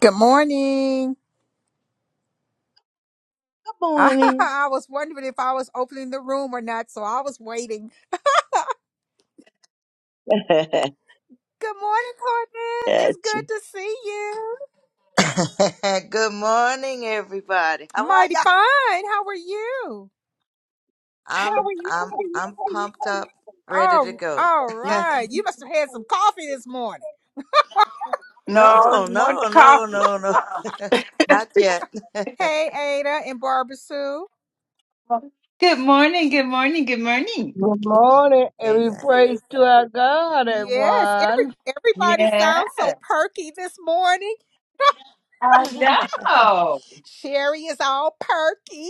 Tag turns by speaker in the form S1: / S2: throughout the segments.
S1: Good morning.
S2: Good morning.
S1: I was wondering if I was opening the room or not, so I was waiting. Good morning, Cornette. It's
S2: Gotcha.
S1: good to see you.
S3: Good morning, everybody. How are
S1: Mighty
S3: ya?
S1: fine. How are you?
S3: I'm I'm I'm pumped up, ready to
S1: Oh,
S3: go.
S1: all right. You must have had some coffee this morning.
S4: No,
S3: no,
S4: it's more
S3: no,
S4: the
S3: no,
S4: coffee.
S3: no, no,
S4: Uh-uh.
S3: not yet.
S1: Hey, Ada and Barbara Sue.
S4: Good morning, good morning, good morning.
S5: Good morning,
S3: Hey,
S5: every
S3: hey.
S5: praise to our God,
S1: Yes, every
S5: everyone.
S1: everybody
S4: Yeah,
S1: sounds so perky this morning.
S4: I know.
S1: Sherry is all perky.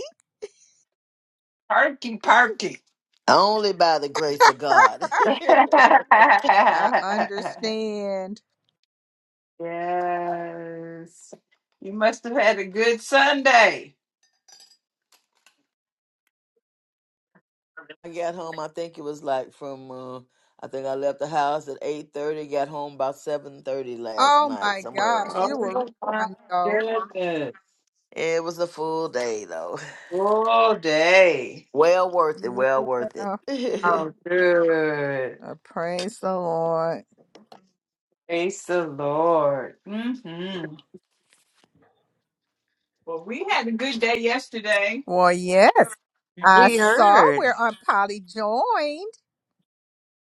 S4: Perky, perky.
S6: Only by the grace of God.
S1: I
S4: yes.
S1: understand.
S4: You must have had a good Sunday.
S6: I got home. I think it was like from. Uh, I think I left the house at eight thirty. Got home about seven thirty last
S1: Oh
S6: night,
S1: my
S6: somewhere around
S1: gosh,
S6: that.
S1: you were really
S4: Oh, my
S1: on the go.
S4: goodness.
S6: It was a full day though.
S4: All day.
S6: Well worth it.
S1: Yeah.
S6: Well worth it.
S4: Oh, good.
S1: Uh, praise the Lord.
S4: Praise the Lord. hmm Well, we had a good day yesterday.
S1: Well, yes, I
S3: we
S1: saw
S3: heard.
S1: where Aunt Polly joined.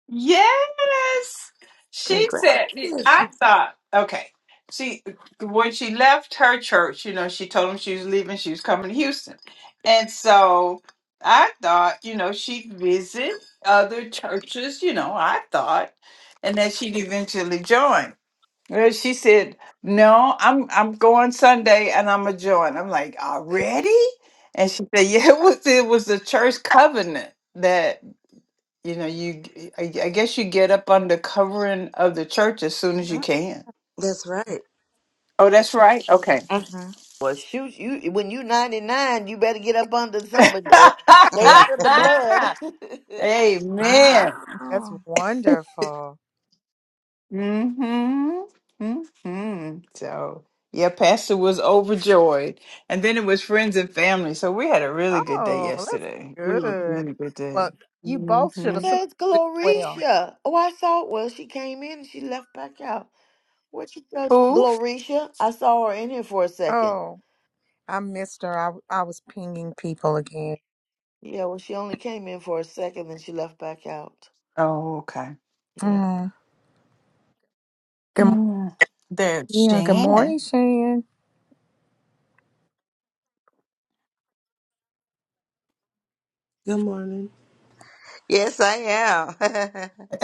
S4: Yes. She said,
S3: Congratulations.
S4: I thought, okay. She, when she left her church, you know, she told him she was leaving, she was coming to Houston. And so I thought, you know, she'd visit other churches, you know, I thought, and that she'd eventually join. Well, she said, No, I'm I'm going Sunday and I'm gonna join. I'm like, already? And she said, Yeah, it was it was the church covenant that." you know you g- I, I guess you get up under covering of the church as soon as you
S1: Oh,
S4: can
S3: That's right.
S4: oh that's right okay
S3: Mhm.
S6: well, shoot, you when you ninety nine, you better get up under something. Uh, stay
S3: mm
S6: under the blood.
S1: I
S4: amen
S1: think that's
S3: Wow.
S1: wonderful.
S4: mhm mhm so yeah pastor was overjoyed and then it was friends and family so we had a really good day
S1: Oh, that's
S4: yesterday really
S1: good.
S4: really good day
S1: Well, you both should
S6: Well,
S1: have
S4: mhm
S1: slept
S6: That's
S1: really well.
S6: Glorisha. Oh, I saw. Well, she came in and she left back out. Where'd she go?
S4: who
S6: Glorisha. I saw her in here for a second.
S1: Oh, I missed her. I, I was pinging people again.
S6: Yeah, well, she only came in for a second, then she left back out.
S4: oh okay
S6: Yep.
S1: Mm. Good, mo-
S4: yeah. there's
S1: yeah, good
S4: Shan.
S1: morning, Shan.
S7: Good morning.
S3: Yes, I am.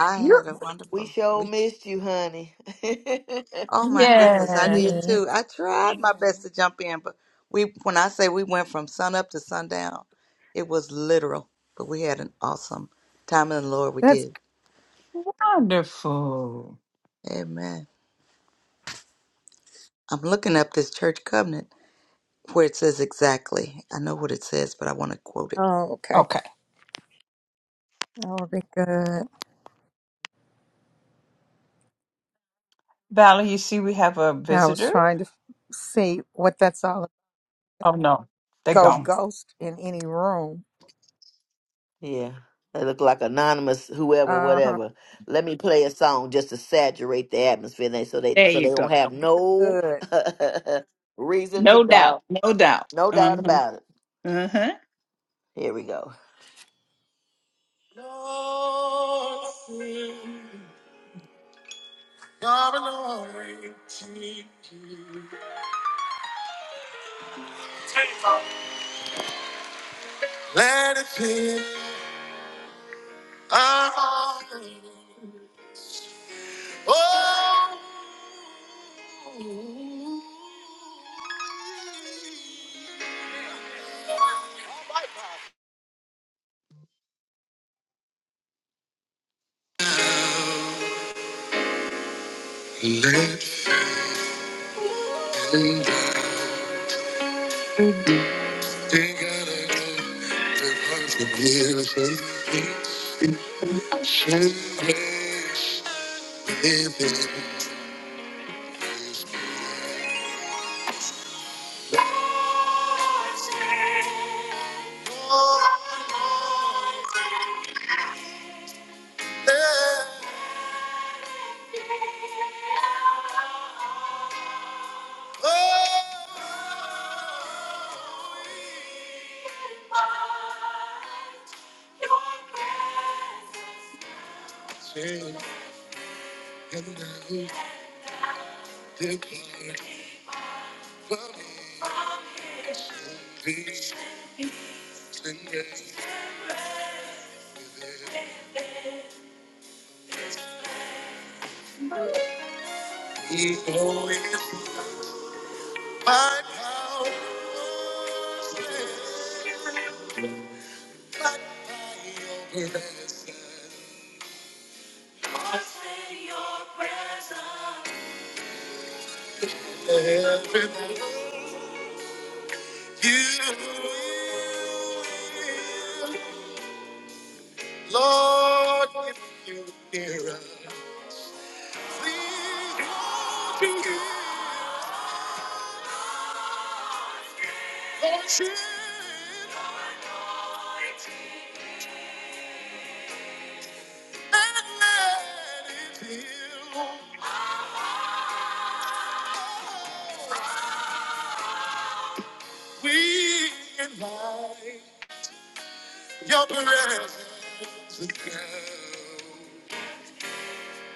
S3: I
S4: you
S3: had a
S6: We
S3: wonderful
S6: sure
S3: week.
S6: missed you, honey.
S3: Oh my goodness, I
S4: yeah
S3: did
S1: Yeah,
S3: too. I tried my best to jump in, but we when I say we went from sun up to sundown, it was literal. But we had an awesome time in the Lord. We
S1: that's
S3: did.
S1: good.
S4: Wonderful.
S3: Amen. I'm looking up this church covenant where it says exactly. I know what it says, but I want to quote it.
S1: Oh, okay.
S4: Okay.
S1: That would be good.
S4: Valerie, you see we have a
S1: Yeah, I was
S4: visitor?
S1: trying to f- see what that's all
S4: Oh, no. They're
S1: go
S4: gone.
S1: ghost in any room.
S6: yeah. They look like anonymous whoever,
S1: Uh huh.
S6: whatever. Let me play a song just to saturate the atmosphere they, so they
S4: There
S6: so they
S4: you
S6: don't
S4: go.
S6: have no
S1: Good.
S6: reason to
S4: No doubt.
S6: doubt.
S4: No doubt.
S6: No doubt
S4: Uh-huh.
S6: about it.
S4: Uh-huh.
S6: Here we go. Lord, sing your glory to you. Let it be. Ah, oh. They gotta go to contribution, ancient grace, living And I depart from peace and grace. He always my power, but by your presence. And Everybody, you will. Lord, if you hear us, please, Lord, you hear us. Lord, hear us, and let it heal. We invite your presence again.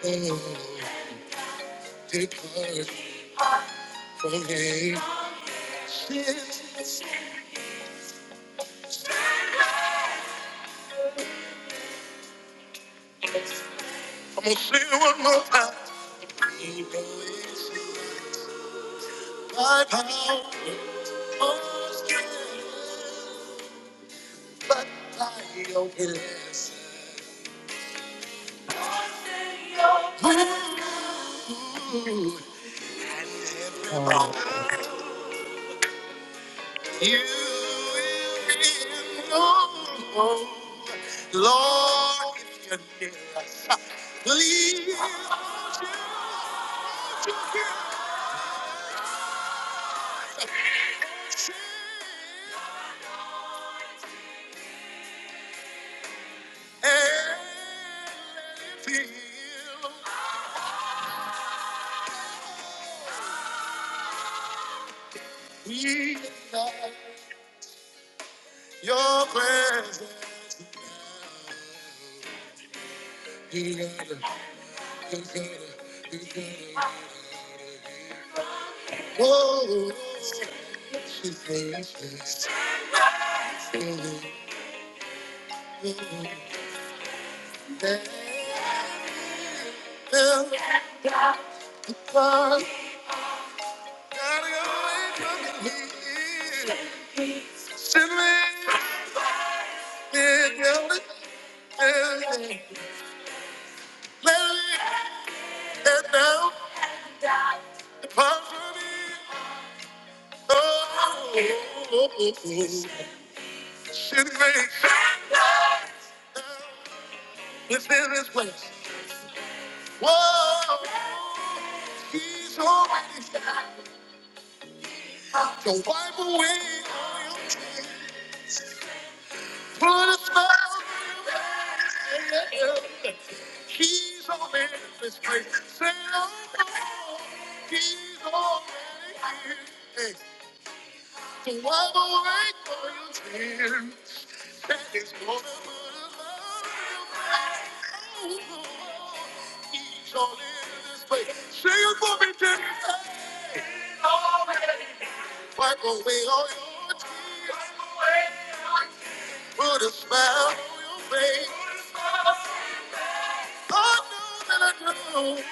S6: Oh, depart from me. I'm gonna sing one more time. He believes By power. but I don't listen. Ooh, and
S4: Oh,
S6: everybody,
S4: okay.
S6: you will be known. Lord, if you're near us, please don't you and let it feel. He loves Your presence. You gotta, you gotta, you gotta. Whoa, she's precious. You gotta, gotta go away from me. Send me, yeah, gotta, yeah. Let it get down, apart from me. Oh, oh, oh, oh. she makes. within this place. Whoa, he's already to wipe away all your tears. Put a smile on your face. He's already in this place. Say, oh, he's already here. Hey. Wipe away all your tears. That is gonna put a love in your face. Oh, he's all in this place. Sing it for me, Jimmy. Wipe away all your tears. Put a smile on your face. I know that I know.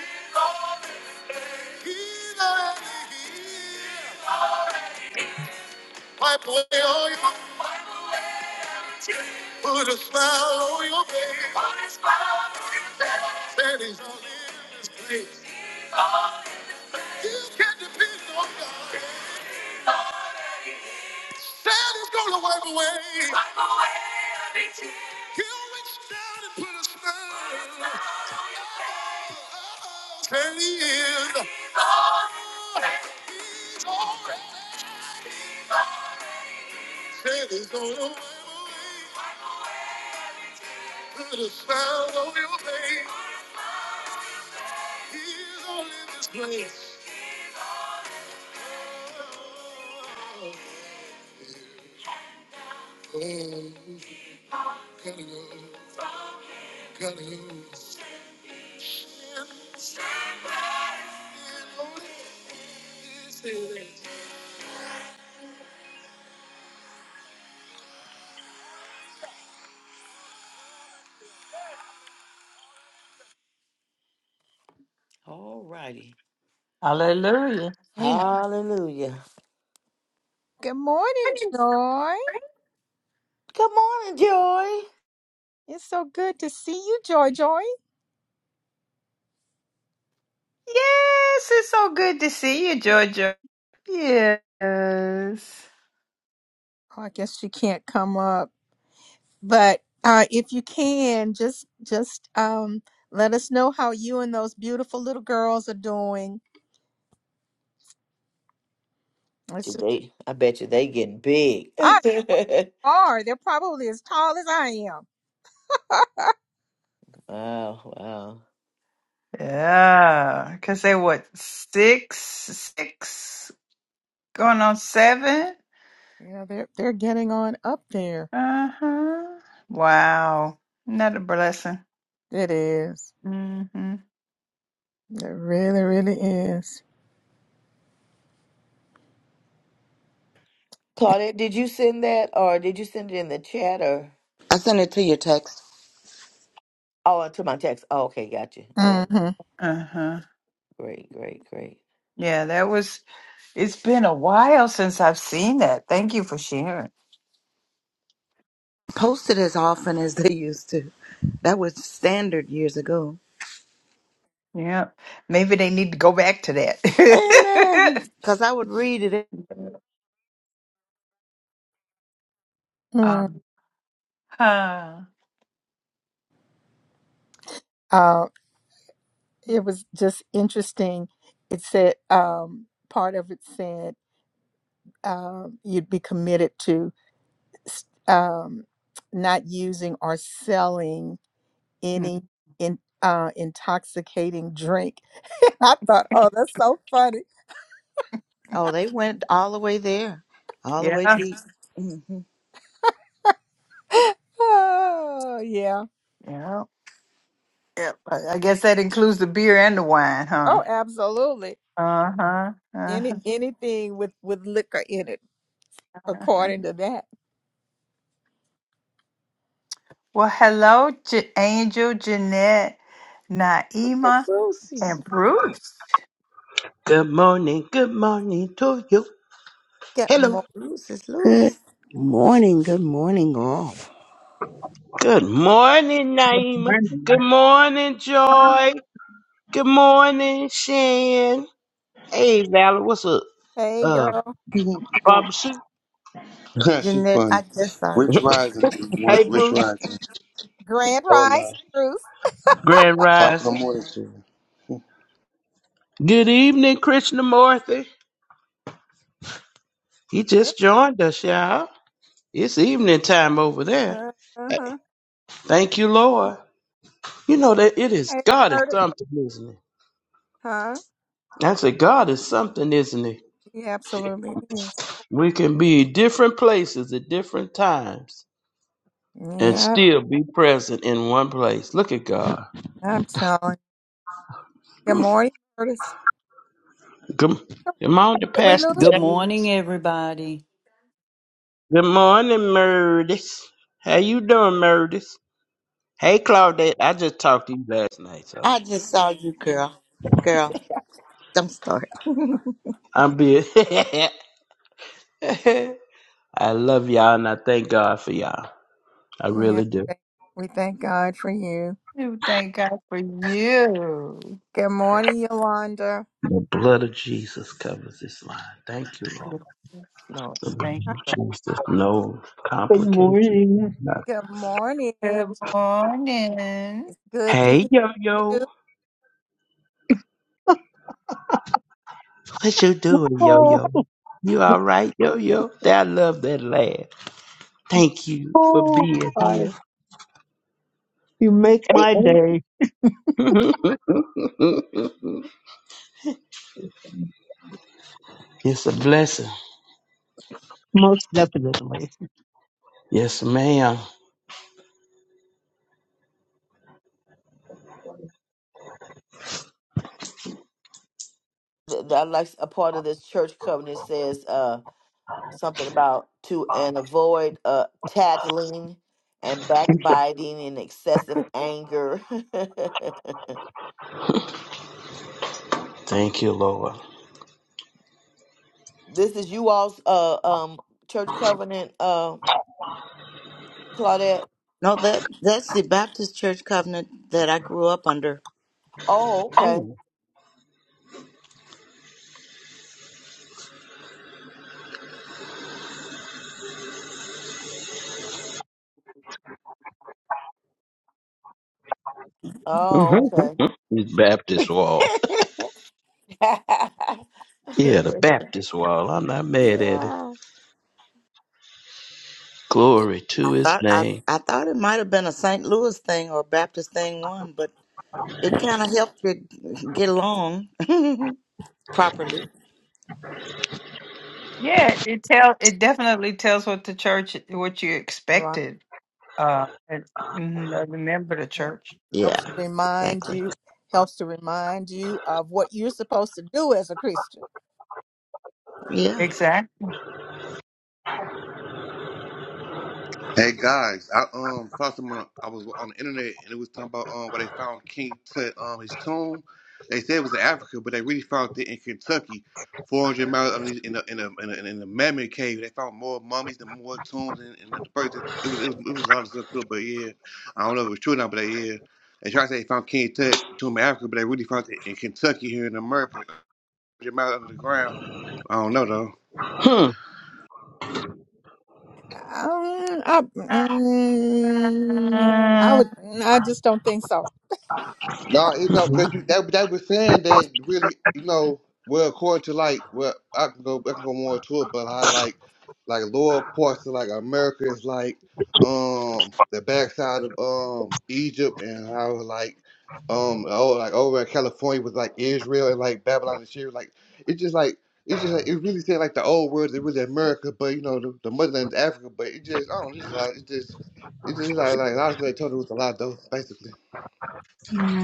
S6: He's already here. Wipe away all your Put a smile on your face. That is all in this place. You can depend on God. That is gonna wipe away. Wipe away every tear. He'll reach down and put a smile. That he is. He's already. That is gonna wipe away. Put a smile on your face. He's all in this place. Oh, oh. gotta go, gotta go. Stand in on his All righty.
S4: hallelujah.
S1: Amen.
S6: Hallelujah.
S1: Good morning, Joy.
S6: Good morning, Joy.
S1: It's so good to see you, Joy. Joy.
S4: Yes, it's so good to see you, Georgia. Yes.
S1: Oh, I guess she can't come up, but uh, if you can, just just um, let us know how you and those beautiful little girls are doing. It's just,
S6: They, I bet you they getting big.
S1: I
S6: wow,
S1: are. They're probably as tall as I am.
S6: wow.
S4: Yeah. Because they what, six, six, going on seven?
S1: Yeah, they're they're getting on up there.
S4: Uh-huh. Wow. Another blessing.
S1: It is.
S4: Mm-hmm.
S1: It really, really is.
S6: Claudette, did you send that or did you send it in the chat or?
S3: I sent it to your text.
S6: Oh, uh, to my text. Oh, okay, got you. All right.
S1: Mm-hmm.
S4: Uh-huh.
S6: Great, great, great.
S4: Yeah, that was, it's been a while since I've seen that. Thank you for sharing.
S3: Post it as often as they used to. That was standard years ago.
S4: Yeah, maybe they need to go back to that.
S3: Amen. Because I would read it.
S1: mm,
S4: um, uh,
S1: uh, it was just interesting. It said um, part of it said um, you'd be committed to s- um, not using or selling
S4: mm,
S1: any in, uh, intoxicating drink. I thought, oh, that's so funny.
S3: Oh, they went all the way there, all the
S4: yeah,
S3: way deep. Mm-hmm.
S1: oh yeah.
S4: yeah, yeah. I I guess that includes the beer and the wine, huh?
S1: Oh, absolutely.
S4: Uh huh. Uh
S1: Any
S4: huh.
S1: anything with with liquor in it, according to that.
S4: Well, hello, J- Angel, Jeanette,
S3: Look at
S4: Naima,
S3: Brucey.
S4: and Bruce.
S8: Good morning, good morning to you.
S1: Get
S8: Hello.
S1: more.
S3: Bruce is
S9: Good
S3: loose.
S9: morning, good morning, all.
S8: Good morning, Naima.
S10: Monday.
S8: Good morning, Joy. Good morning, Shan. Hey, Valerie, what's up?
S1: Hey,
S8: Uh,
S1: girl.
S8: Barbara Sue.
S11: she
S3: Jeanette, I
S11: funny.
S3: just saw
S11: Rich
S3: you.
S11: Rising, one-
S8: Hey,
S11: Rich
S8: Bruce.
S11: Rising.
S1: Grand Rise,
S11: Hola,
S1: Bruce.
S8: Grand
S11: top of the
S8: Rising.
S11: morning to you.
S8: Good evening, Krishnamurti. He
S1: Where?
S8: just joined us, y'all. It's evening time over there.
S1: Uh
S8: Hey,
S1: huh.
S8: Thank you, Lord. You know that it is
S1: Hey,
S8: God is
S1: Murder.
S8: something, isn't it?
S1: Huh?
S8: I said, God is something, isn't it?
S1: He absolutely it is.
S8: We can be different places at different times and
S1: Yep,
S8: still be present in one place. Look at God.
S1: I'm telling. Good morning, Curtis.
S8: Good, good morning,
S1: Did we
S8: Pastor
S1: lose?
S12: Good morning,
S8: James.
S12: everybody.
S8: Good morning, Murdis. How you doing, Murdis? Hey, Claudette. I just talked to you last night, so
S3: I just saw you, girl. Girl, I'm sorry.
S8: I'm being. I love y'all and I thank God for y'all. I
S1: Yeah, we
S8: really do.
S1: thank we thank God for you.
S4: We Thank God for you.
S1: Good morning, Yolanda.
S8: The blood of Jesus covers this line. Thank you, Lord.
S4: Yes, Lord,
S8: The
S4: thank
S1: Huh?
S8: blood
S4: you.
S8: of Jesus. No
S13: Good
S8: complications.
S13: morning.
S8: Nothing.
S1: Good morning. It's
S4: Good morning.
S1: good to
S8: Hey,
S1: hear
S8: yo, yo.
S1: you.
S8: What you doing, yo
S13: Oh,
S8: yo? You all right, yo yo? I love that laugh. Thank you for
S13: oh,
S8: being
S13: I-
S8: here.
S13: you make
S8: Hey,
S13: my
S8: hey.
S13: day,
S8: it's a blessing.
S13: most definitely.
S8: Yes, ma'am.
S6: The- the- I like a part of this church covenant says uh, something about to and avoid uh, tattling and backbiting and excessive anger.
S8: Thank you, Lord.
S6: This is you all's uh um church covenant uh Claudette.
S3: No, that that's the Baptist Church covenant that I grew up under.
S6: Oh, okay.
S8: Oh,
S6: Oh,
S8: mhm.
S6: okay.
S8: His Baptist wall. Yeah, the Baptist wall. I'm not mad at it.
S3: Yeah.
S8: Glory
S3: I
S8: to his
S3: thought I,
S8: name.
S3: I thought it might have been a St. Louis thing or a Baptist thing one, but it kind of helped you get along properly.
S4: Yeah, it tell it definitely tells what the church what you
S1: Right.
S4: expected. Uh, and, mhm, I remember the church
S3: Yeah,
S1: Helps to remind
S3: exactly.
S1: you. Helps to remind you of what you're supposed to do as a Christian.
S3: Yeah.
S4: exactly.
S11: Hey guys, I um saw someone I was on the internet and it was talking about um where they found King Tut um his tomb. They said it was in Africa, but they really found it in Kentucky, four hundred miles underneath in a in a in a, in a mammoth cave. They found more mummies and more tombs and, and the birth. It was it was it was a lot of stuff too, but yeah, I don't know if it's true or not, but they, yeah, they try to say they found King Tut tomb in Africa, but they really found it in Kentucky here in America. your mouth under the ground. I don't know though.
S8: Hmm.
S1: Um, I,
S4: Uh,
S1: mm, I would. I just don't think so.
S11: No, it don't because you they, they were saying that really, you know, well according to like well I can go I can go more into it, but I like like lower parts of like America is like um the backside of um Egypt and how like um oh like over in California was like Israel and like Babylon and Syria like it's just like it's just like it really said like the old world it was America but you know the, the motherland is Africa but it just I don't know, it's just like it's just it's just like like I was like told it was a lot though basically.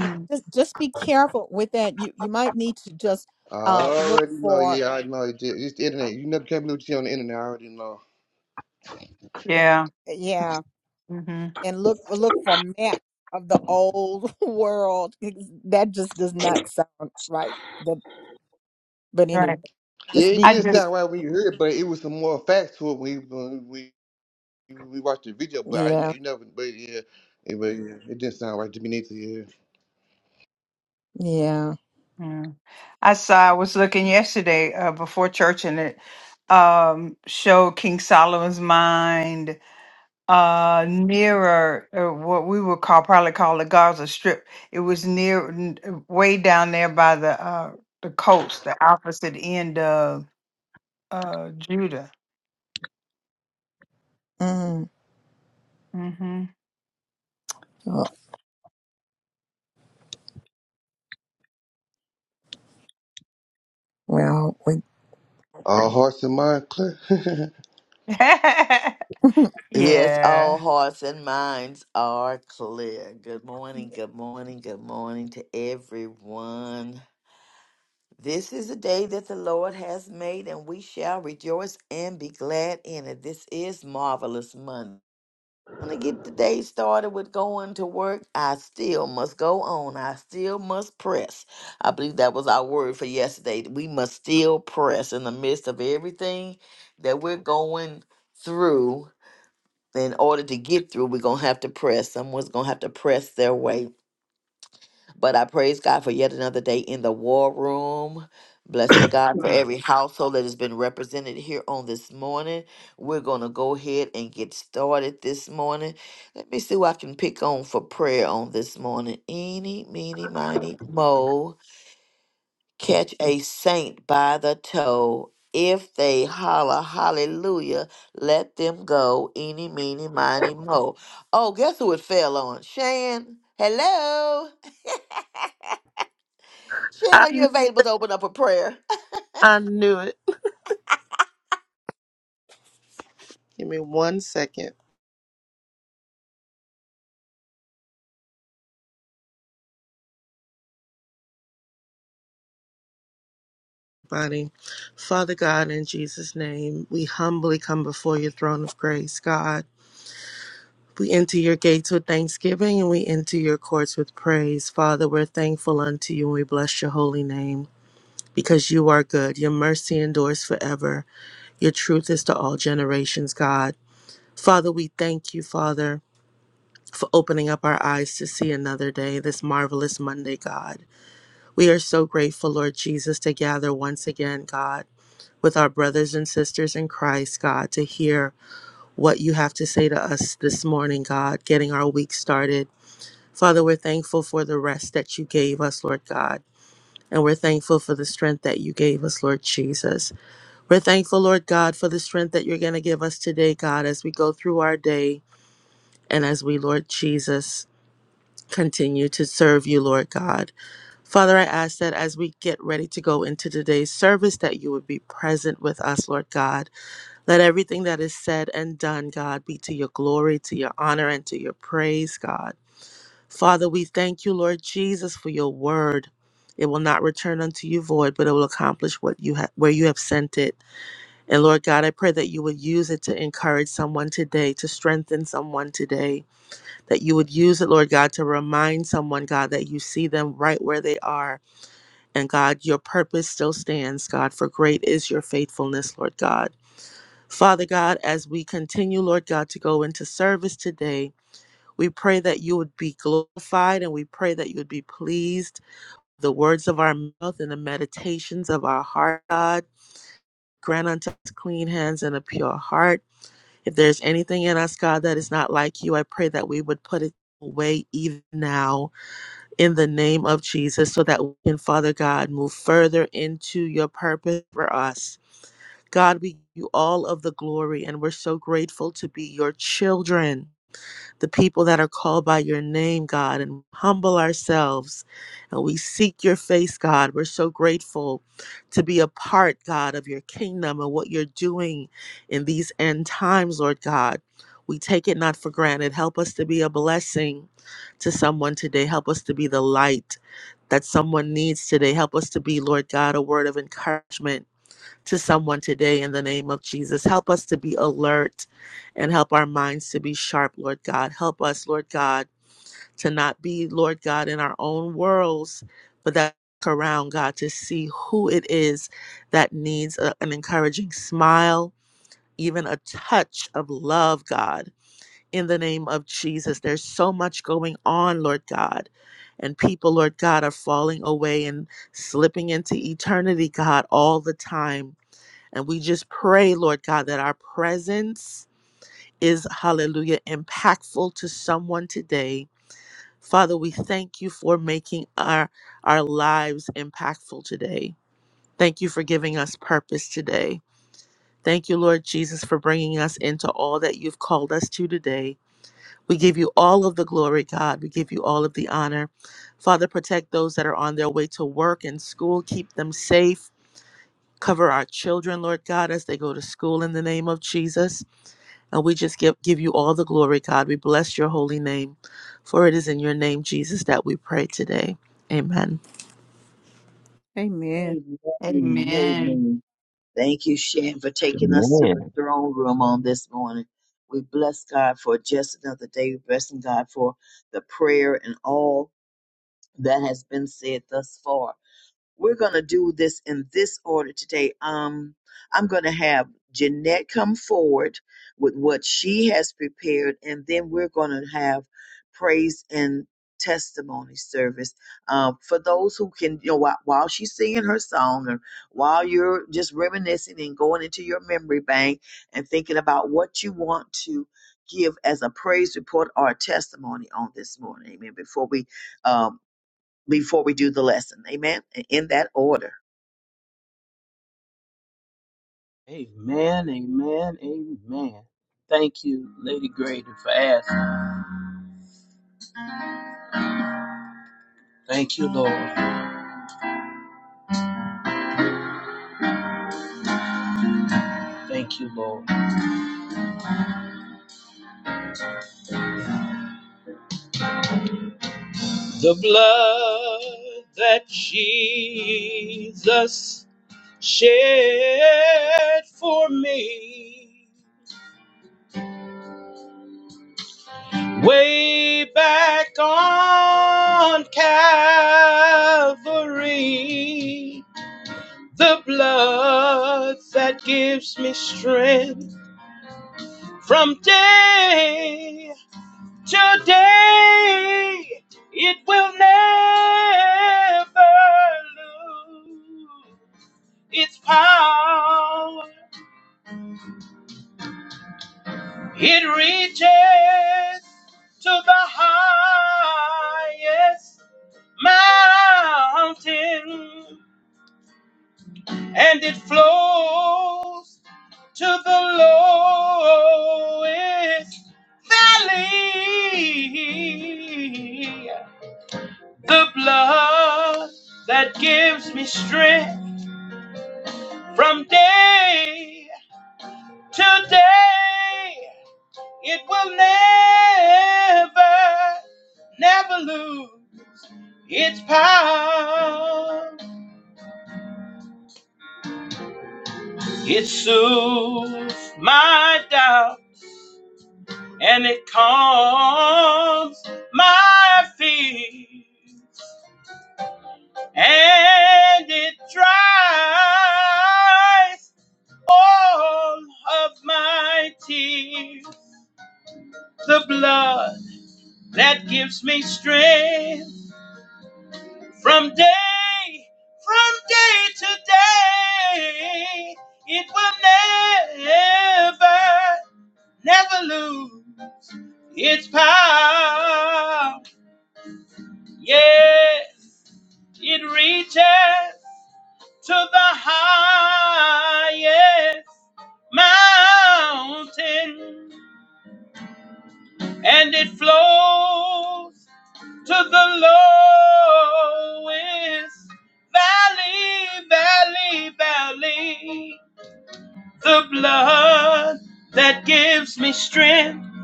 S1: Yeah, just just be careful with that. You you might need to just
S11: I
S1: uh look
S11: already know.
S1: for
S11: Yeah, I know. It just, it's the internet. You never can't believe what you see on the internet. I already know.
S4: Yeah,
S1: yeah,
S4: hmm
S1: and look look for maps of the old world. Ex- That just does not sound right. But but anyway,
S4: right.
S11: Yeah,
S1: just
S11: it
S1: be,
S4: I
S11: didn't
S1: be
S4: just
S11: sound right when you heard it, but it was some more facts to it when you- when we when we watched the video. But I,
S1: yeah
S11: you never. But yeah, it, but yeah, it didn't sound right to me neither. Yeah.
S1: yeah.
S4: mm. I saw I was looking yesterday uh, before church, and it um, showed King Solomon's mind uh nearer uh, what we would call probably call the Gaza Strip. It was near n- way down there by the uh the coast, the opposite end of uh Judah.
S1: Mm.
S4: hmm
S1: Oh, well, we,
S11: All hearts and mind clear. I
S6: yes, all
S4: yeah.
S6: hearts and minds are clear. Good morning, good morning, good morning to everyone. This is a day that the Lord has made, and we shall rejoice and be glad in it. This is Marvelous Monday. When I get the day started with going to work, I still must go on. I still must press. I believe that was our word for yesterday. We must still press in the midst of everything that we're going through. In order to get through, we're going to have to press. Someone's going to have to press their way. But I praise God for yet another day in the war room. Blessing God for every household that has been represented here on this morning. We're going to go ahead and get started this morning. Let me see what I can pick on for prayer on this morning. Eeny, meeny, miny, mo. Catch a saint by the toe. If they holler hallelujah, let them go. Eeny, meeny, miny, mo. Oh, guess who it fell on? Shan. Hello. Shane,
S7: I,
S6: are you
S7: kn-
S6: available to open up a prayer?
S7: I knew it. Give me one second, buddy. Father God, in Jesus' name, we humbly come before your throne of grace, God. We enter your gates with thanksgiving and we enter your courts with praise. Father, we're thankful unto you and we bless your holy name because you are good. Your mercy endures forever. Your truth is to all generations, God. Father, we thank you, Father, for opening up our eyes to see another day, this marvelous Monday, God. We are so grateful, Lord Jesus, to gather once again, God, with our brothers and sisters in Christ, God, to hear what you have to say to us this morning, God, getting our week started. Father, we're thankful for the rest that you gave us, Lord God. And we're thankful for the strength that you gave us, Lord Jesus. We're thankful, Lord God, for the strength that you're going to give us today, God, as we go through our day and as we, Lord Jesus, continue to serve you, Lord God. Father, I ask that as we get ready to go into today's service, that you would be present with us, Lord God. Let everything that is said and done, God, be to your glory, to your honor, and to your praise, God. Father, we thank you, Lord Jesus, for your word. It will not return unto you void, but it will accomplish what you ha- where you have sent it. And Lord God, I pray that you would use it to encourage someone today, to strengthen someone today. That you would use it, Lord God, to remind someone, God, that you see them right where they are and God, your purpose still stands, God, for great is your faithfulness, Lord God. Father God, as we continue, Lord God, to go into service today, we pray that you would be glorified and we pray that you would be pleased. The words of our mouth and the meditations of our heart, God, grant unto us clean hands and a pure heart. If there's anything in us, God, that is not like you, I pray that we would put it away even now in the name of Jesus so that we can, Father God, move further into your purpose for us. God, we give you all of the glory, and we're so grateful to be your children the people that are called by your name, God, and humble ourselves. And we seek your face, God. We're so grateful to be a part, God, of your kingdom and what you're doing in these end times, Lord God. We take it not for granted. Help us to be a blessing to someone today. Help us to be the light that someone needs today. Help us to be, Lord God, a word of encouragement to someone today in the name of Jesus. Help us to be alert and help our minds to be sharp, Lord God. Help us, Lord God, to not be, Lord God, in our own worlds, but that around, God, to see who it is that needs a- an encouraging smile, even a touch of love, God. In the name of Jesus, there's so much going on, Lord God. And people, Lord God, are falling away and slipping into eternity, God, all the time. And we just pray, Lord God, that our presence is, hallelujah, impactful to someone today. Father, we thank you for making our, our lives impactful today. Thank you for giving us purpose today. Thank you, Lord Jesus, for bringing us into all that you've called us to today. We give you all of the glory, God. We give you all of the honor. Father, protect those that are on their way to work and school. Keep them safe. Cover our children, Lord God, as they go to school in the name of Jesus. And we just give, give you all the glory, God. We bless your holy name, for it is in your name, Jesus, that we pray today. Amen.
S1: amen.
S2: Amen.
S4: Amen.
S2: Amen. Thank you, Shan, for taking us to the
S8: Amen.
S2: throne room on this morning. We bless God for just another day. We bless God for the prayer and all that has been said thus far. We're going to do this in this order today. Um, I'm going to have Jeanette come forward with what she has prepared, and then we're going to have praise and testimony service uh, for those who can, you know, while, while she's singing her song or while you're just reminiscing and going into your memory bank and thinking about what you want to give as a praise report or a testimony on this morning. Amen. Before we um before we do the lesson. Amen. In that order.
S8: Amen. Amen. Amen. Thank you, Lady Grady, for asking. Thank you, Lord. Thank you, Lord. The blood that Jesus shed for me way back on Calvary. The blood that gives me strength from day to day. It will never lose. Its power, it reaches to the highest mountain and it flows to the lowest valley. The blood that gives me strength from day to day It will never, never lose its power. It soothes my doubt and it calms my fears and it dries all of my tears. The blood that gives me strength From day, from day to day, it will never, never lose its power. Yes, it reaches to the highest mountain and it flows to the lowest valley, valley, valley. The blood that gives me strength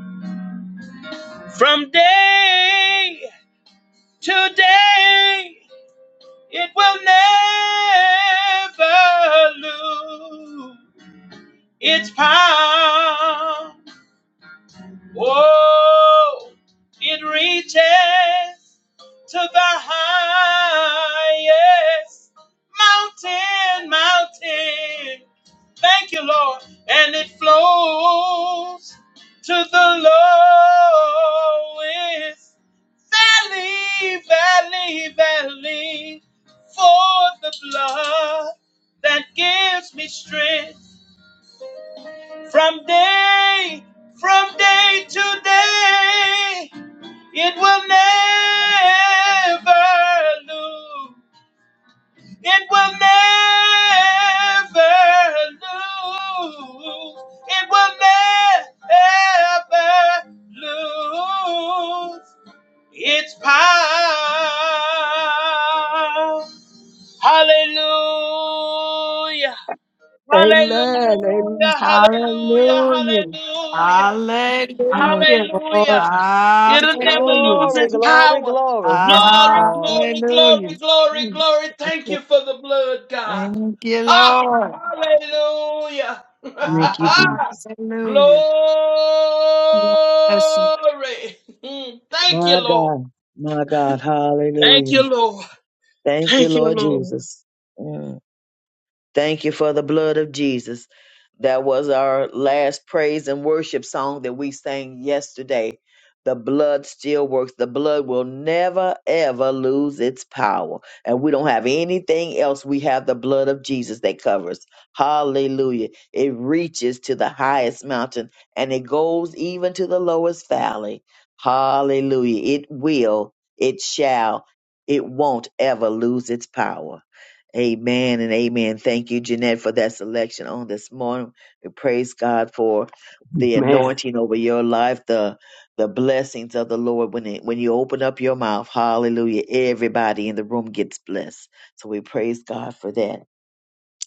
S8: from day to day, it will never lose its power. Oh, it reaches to the highest mountain, mountain. Thank you, Lord. And it flows to the lowest valley, valley, valley. For the blood that gives me strength from day, from day to day, it will never lose. It will never lose. It will never lose its power. Hallelujah.
S5: Amen. Amen.
S8: Hallelujah, hallelujah,
S4: Hallelujah.
S8: hallelujah.
S1: Amen.
S4: Hallelujah.
S1: Lord,
S8: Hallelujah. It'll never lose
S2: Glory,
S8: its
S4: Hallelujah.
S2: glory,
S8: power.
S2: glory.
S1: yes,
S8: Glory,
S1: Lord.
S8: glory,
S4: Hallelujah.
S8: glory, glory, glory. Thank
S1: Yes,
S8: you for the blood, God.
S4: Thank you,
S8: Ah,
S4: Lord.
S8: hallelujah.
S2: Thank you, Jesus.
S8: glory.
S4: Hallelujah. Yes,
S8: Mm, Thank you,
S2: My
S8: Lord.
S2: God, my God,
S8: Thank you,
S2: hallelujah.
S8: Lord.
S2: Thank you,
S8: Thank you,
S2: Lord
S8: Lord.
S2: Jesus. Mm. Thank you for the blood of Jesus. That was our last praise and worship song that we sang yesterday. The blood still works. The blood will never, ever lose its power. And we don't have anything else. We have the blood of Jesus that covers. Hallelujah. It reaches to the highest mountain and it goes even to the lowest valley. Hallelujah. It will, it shall, it won't ever lose its power. Amen and amen. Thank you, Jeanette, for that selection on this morning. We praise God for the
S8: Man.
S2: anointing over your life, the the blessings of the Lord when it, when you open up your mouth. Hallelujah. Everybody in the room gets blessed. So we praise God for that.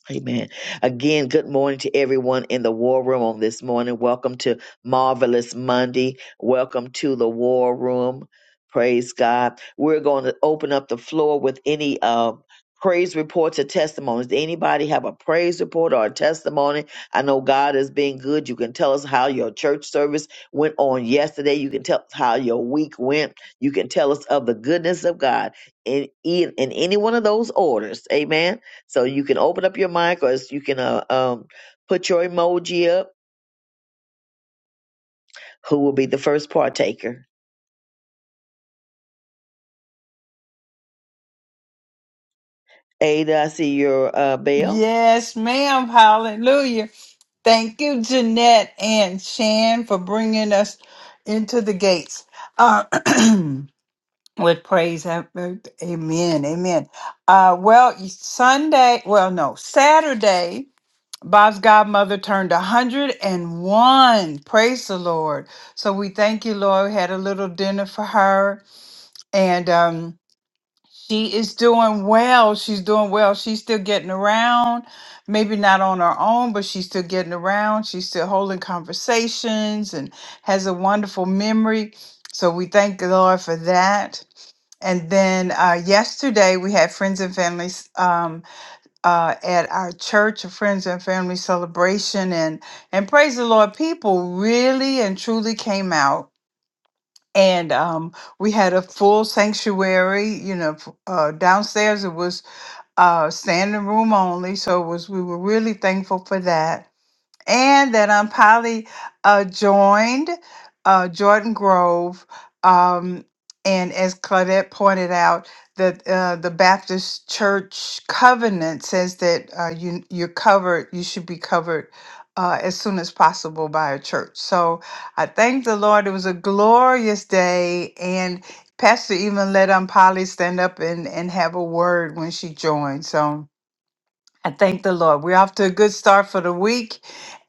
S2: Amen. Again, good morning to everyone in the war room on this morning. Welcome to Marvelous Monday. Welcome to the war room. Praise God. We're going to open up the floor with any uh, praise reports or testimonies. Does anybody have a praise report or a testimony? I know God is being good. You can tell us how your church service went on yesterday. You can tell us how your week went. You can tell us of the goodness of God in, in, in any one of those orders. Amen. So you can open up your mic or you can uh, um, put your emoji up. Who will be the first partaker? Ada, I see your uh, bell.
S4: Yes, ma'am. Hallelujah. Thank you, Jeanette and Shan, for bringing us into the gates uh, with praise. and- Amen. Amen. Uh, well, Sunday, well, no, Saturday, Bob's godmother turned 101. Praise the Lord. So we thank you, Lord. We had a little dinner for her. And, um, she is doing well. She's doing well. She's still getting around, maybe not on her own, but she's still getting around. She's still holding conversations and has a wonderful memory. So we thank the Lord for that. And then uh, yesterday we had friends and families um, uh, at our church, a friends and family celebration, and and praise the Lord, people really and truly came out and um, we had a full sanctuary you know f- uh, downstairs it was uh, standing room only so it was we were really thankful for that and that I'm probably uh, joined uh, Jordan Grove. Um, and as Claudette pointed out, that uh, the Baptist Church covenant says that uh, you you're covered, you should be covered uh, as soon as possible by a church. So I thank the Lord. It was a glorious day, and Pastor even let Aunt Polly stand up and and have a word when she joined. So. I thank the Lord. We're off to a good start for the week,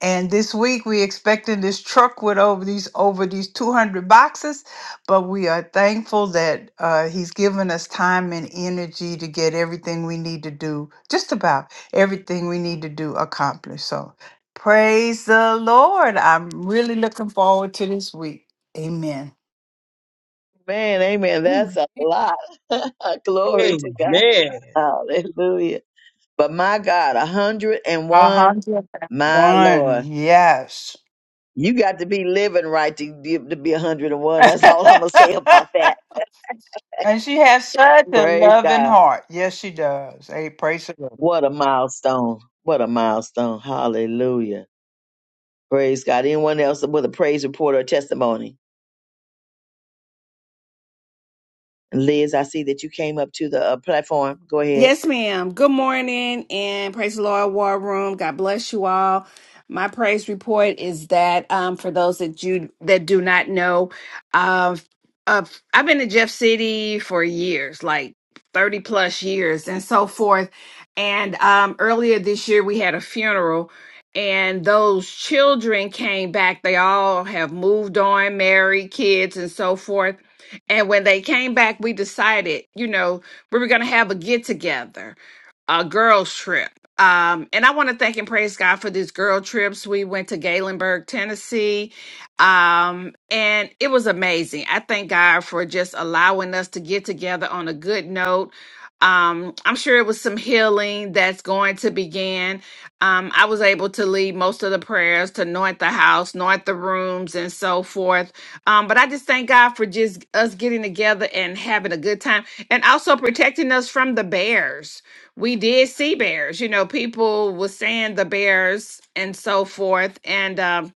S4: and this week we expecting this truck with over these over these two hundred boxes, but we are thankful that uh, He's given us time and energy to get everything we need to do, just about everything we need to do accomplished. So, praise the Lord! I'm really looking forward to this week. Amen.
S2: Man, amen. That's a lot. Glory to God.
S8: Amen.
S2: Hallelujah. But my God,
S4: A
S2: 101,
S4: hundred and
S2: my
S4: one,
S2: Lord.
S4: yes.
S2: You got to be living right to be, to be 101. That's all I'm going to say about that.
S4: And she has such a
S2: Praise
S4: loving
S2: God.
S4: heart. Yes, she does. Hey, praise the Lord.
S2: What a milestone. What a milestone. Hallelujah. Praise God. Anyone else with a praise report or testimony? And Liz, I see that you came up to the uh, platform. Go ahead.
S14: Yes, ma'am. Good morning and praise the Lord, War Room. God bless you all. My praise report is that um, for those that you that do not know, uh, uh, I've been in Jeff City for years, like thirty plus years, and so forth. And um, earlier this year, we had a funeral, and those children came back. They all have moved on, married, kids, and so forth. And when they came back, we decided, you know, we were going to have a get together a girls trip. Um, and I want to thank and praise God for these girl trips. We went to Galenburg, Tennessee, um, and it was amazing. I thank God for just allowing us to get together on a good note. Um, I'm sure it was some healing that's going to begin. Um, I was able to lead most of the prayers to anoint the house, anoint the rooms, and so forth. Um, but I just thank God for just us getting together and having a good time, and also protecting us from the bears we did see bears. You know, people were saying the bears and so forth. And um,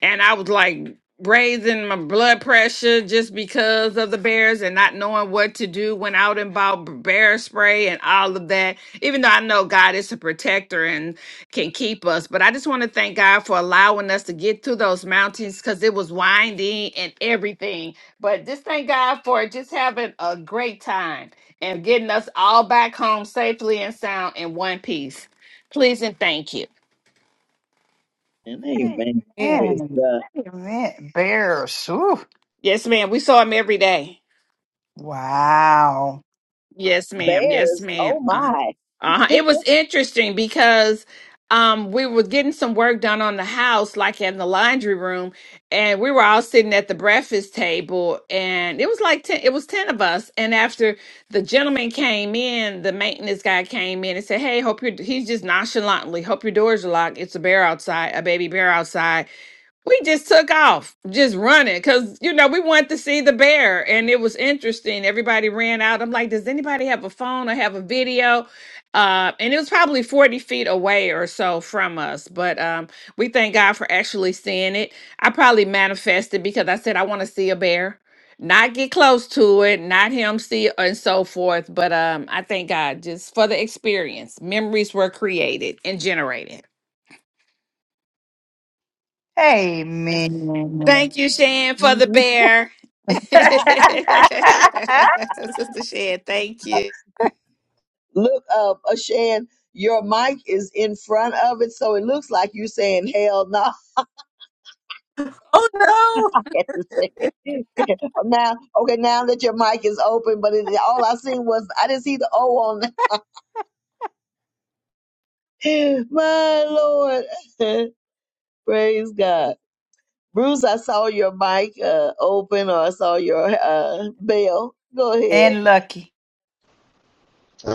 S14: and I was like raising my blood pressure just because of the bears and not knowing what to do. when out and about b- bear spray and all of that. Even though I know God is a protector and can keep us, but I just want to thank God for allowing us to get through those mountains because it was windy and everything. But just thank God for just having a great time and getting us all back home safely and sound in one piece. Please and thank you.
S2: And amen.
S1: amen.
S2: Praise
S4: Amen.
S2: God.
S4: Amen. Bears. Ooh.
S14: Yes, ma'am. We saw him every day.
S4: Wow.
S14: Yes, ma'am. Yes,
S2: Bears, oh
S14: ma'am. Uh,
S2: my.
S14: uh, it was interesting because um, we were getting some work done on the house, like in the laundry room, and we were all sitting at the breakfast table, and it was like ten, it was ten of us. And after the gentleman came in, the maintenance guy came in and said, "Hey, hope your He's just nonchalantly, "Hope your doors are locked. It's a bear outside, a baby bear outside." we just took off, just running, because you know we wanted to see the bear, and it was interesting. Everybody ran out. I'm like, does anybody have a phone or have a video? Uh, and it was probably 40 feet away or so from us, but um, we thank God for actually seeing it. I probably manifested because I said I want to see a bear, not get close to it, not him see it, and so forth. But um, I thank God just for the experience. Memories were created and generated.
S4: Amen.
S14: Thank you, Shan, for the
S1: Amen.
S14: bear. Sister Shan, thank you.
S2: Look up, Ashan. Your mic is in front of it, so it looks like you saying hell no.
S7: Oh
S2: I
S7: no!
S2: had to say it. now, okay, now that your mic is open, but it, all I seen was I didn't see the O on it. My Lord, praise God. Bruce, I saw your mic uh, open or I saw your uh, bell. Go ahead.
S4: and Lucky.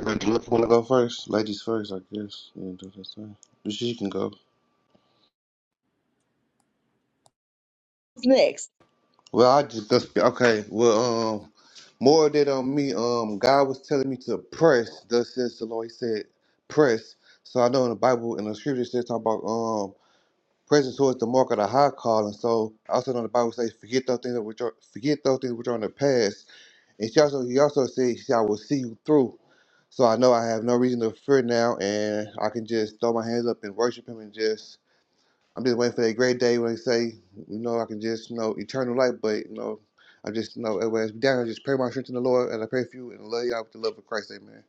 S11: bet you want to go first. Ladies first, I guess. Yeah, do that thing. She can go.
S2: What's next?
S11: Well, I just go. Okay. Well, um. More did on me. Um, God was telling me to press. Thus says the Lord. He said, press. So I know in the Bible, in the scripture, it says talking about um pressing towards the mark of the high calling. so I also know the Bible says, forget those things which are forget those things which are in the past. And she also he also said, he said, I will see you through. So I know I have no reason to fear now, and I can just throw my hands up and worship Him and just I'm just waiting for that great day when they say, you know, I can just, you know, eternal life. But, you know, I just, you know, as we down, I just pray my strength in the Lord and I pray for you and I love y'all with the love of Christ. Amen.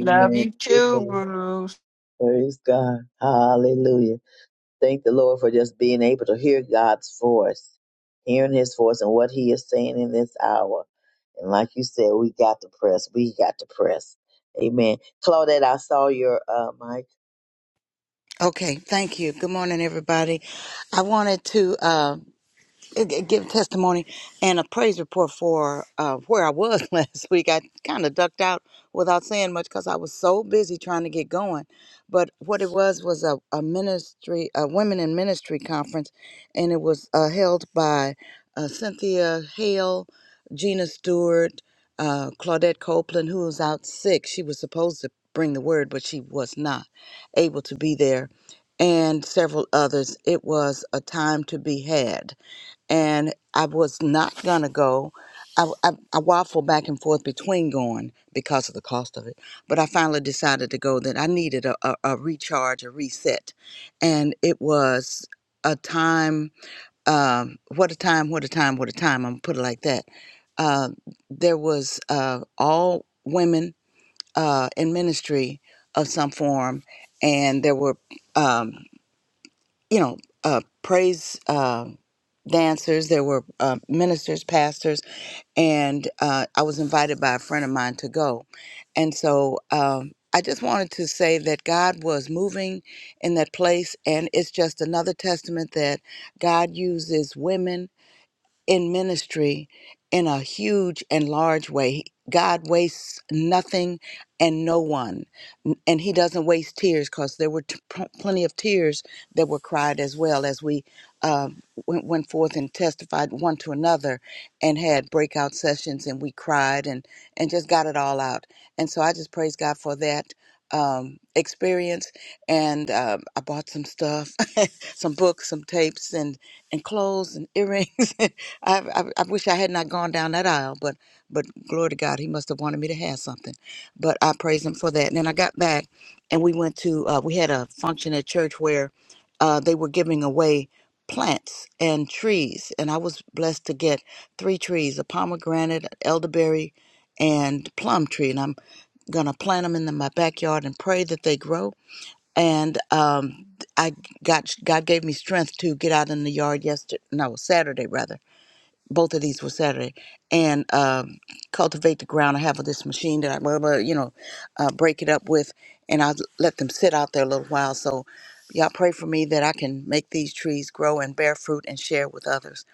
S4: Love you too,
S2: Amen.
S4: Bruce.
S2: Praise God. Hallelujah. Thank the Lord for just being able to hear God's voice, hearing his voice and what he is saying in this hour. And like you said, we got to press. We got to press. Amen. Claudette, I saw your uh, mic.
S3: Okay. Thank you. Good morning, everybody. I wanted to. uh, g- give testimony and a praise report for uh, where I was last week. I kind of ducked out without saying much because I was so busy trying to get going. But what it was was a, a ministry, a women in ministry conference, and it was uh, held by uh, Cynthia Hale, Gina Stewart, uh, Claudette Copeland, who was out sick. She was supposed to bring the word, but she was not able to be there, and several others. It was a time to be had and I was not gonna go. I, I, I waffled back and forth between going because of the cost of it, but I finally decided to go. That I needed a, a, a recharge, a reset, and it was a time. Um, what a time! What a time! What a time! I'm gonna put it like that. Uh, there was uh, all women uh, in ministry of some form, and there were. Um, you know, uh, praise uh, dancers. There were uh, ministers, pastors, and uh, I was invited by a friend of mine to go. And so um, I just wanted to say that God was moving in that place, and it's just another testament that God uses women in ministry in a huge and large way. God wastes nothing and no one. N- And He doesn't waste tears because there were t- pl- plenty of tears that were cried as well as we um went, went forth and testified one to another and had breakout sessions and we cried and, and just got it all out. And so I just praise God for that. Um, experience and uh, I bought some stuff, some books, some tapes, and and clothes and earrings I, I, I wish I had not gone down that aisle, but but glory to God, He must have wanted me to have something. But I praise Him for that. And then I got back, and we went to uh, we had a function at church where uh, they were giving away plants and trees, and I was blessed to get three trees: a pomegranate, an elderberry, and plum tree. And I'm gonna plant them in the, my backyard and pray that they grow. And um, I got God gave me strength to get out in the yard yesterday, no Saturday rather both of these were Saturday, and um, cultivate the ground. I have this machine that I, blah, blah, you know, uh, break it up with, and I let them sit out there a little while. So, y'all pray for me that I can make these trees grow and bear fruit and share with others.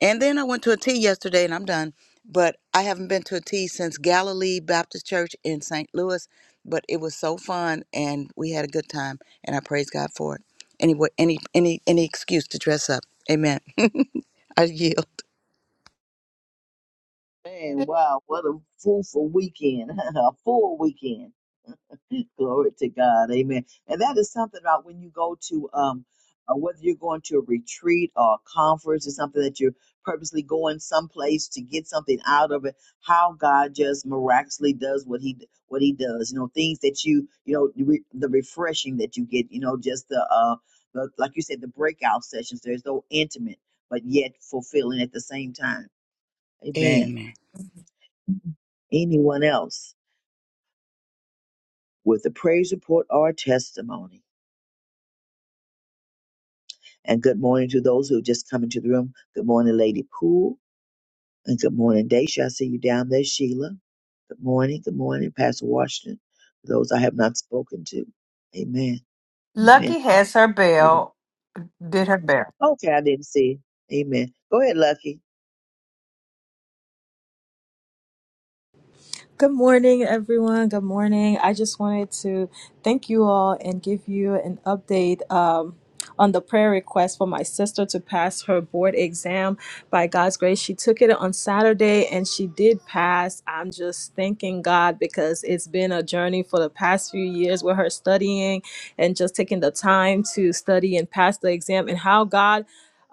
S3: And then I went to a tea yesterday, and I'm done. But I haven't been to a tea since Galilee Baptist Church in St. Louis. But it was so fun, and we had a good time, and I praise God for it. Anyway, any any any excuse to dress up. Amen. I yield.
S2: Man, wow, what a fruitful weekend, a full weekend. Glory to God. Amen. And that is something about when you go to, um, uh, whether you're going to a retreat or a conference or something that you're purposely going someplace to get something out of it, how God just miraculously does what he, what he does, you know, things that you, you know, the re- the refreshing that you get, you know, just the, uh, the, like you said, the breakout sessions, there's no intimate, but yet fulfilling at the same time. Amen
S3: Amen.
S2: anyone else with a praise report or testimony. And good morning to those who have just come into the room. Good morning, Lady Poole. And good morning, Daisha. I see you down there, Sheila. Good morning. Good morning, Pastor Washington. For those I have not spoken to. Amen. Amen.
S4: Lucky has her
S2: All right.
S4: bell. Did her bell.
S2: Okay, I didn't see. it. Amen. Go ahead, Lucky.
S15: Good morning, everyone. Good morning. I just wanted to thank you all and give you an update um, on the prayer request for my sister to pass her board exam. By God's grace, she took it on Saturday and she did pass. I'm just thanking God because it's been a journey for the past few years with her studying and just taking the time to study and pass the exam and how God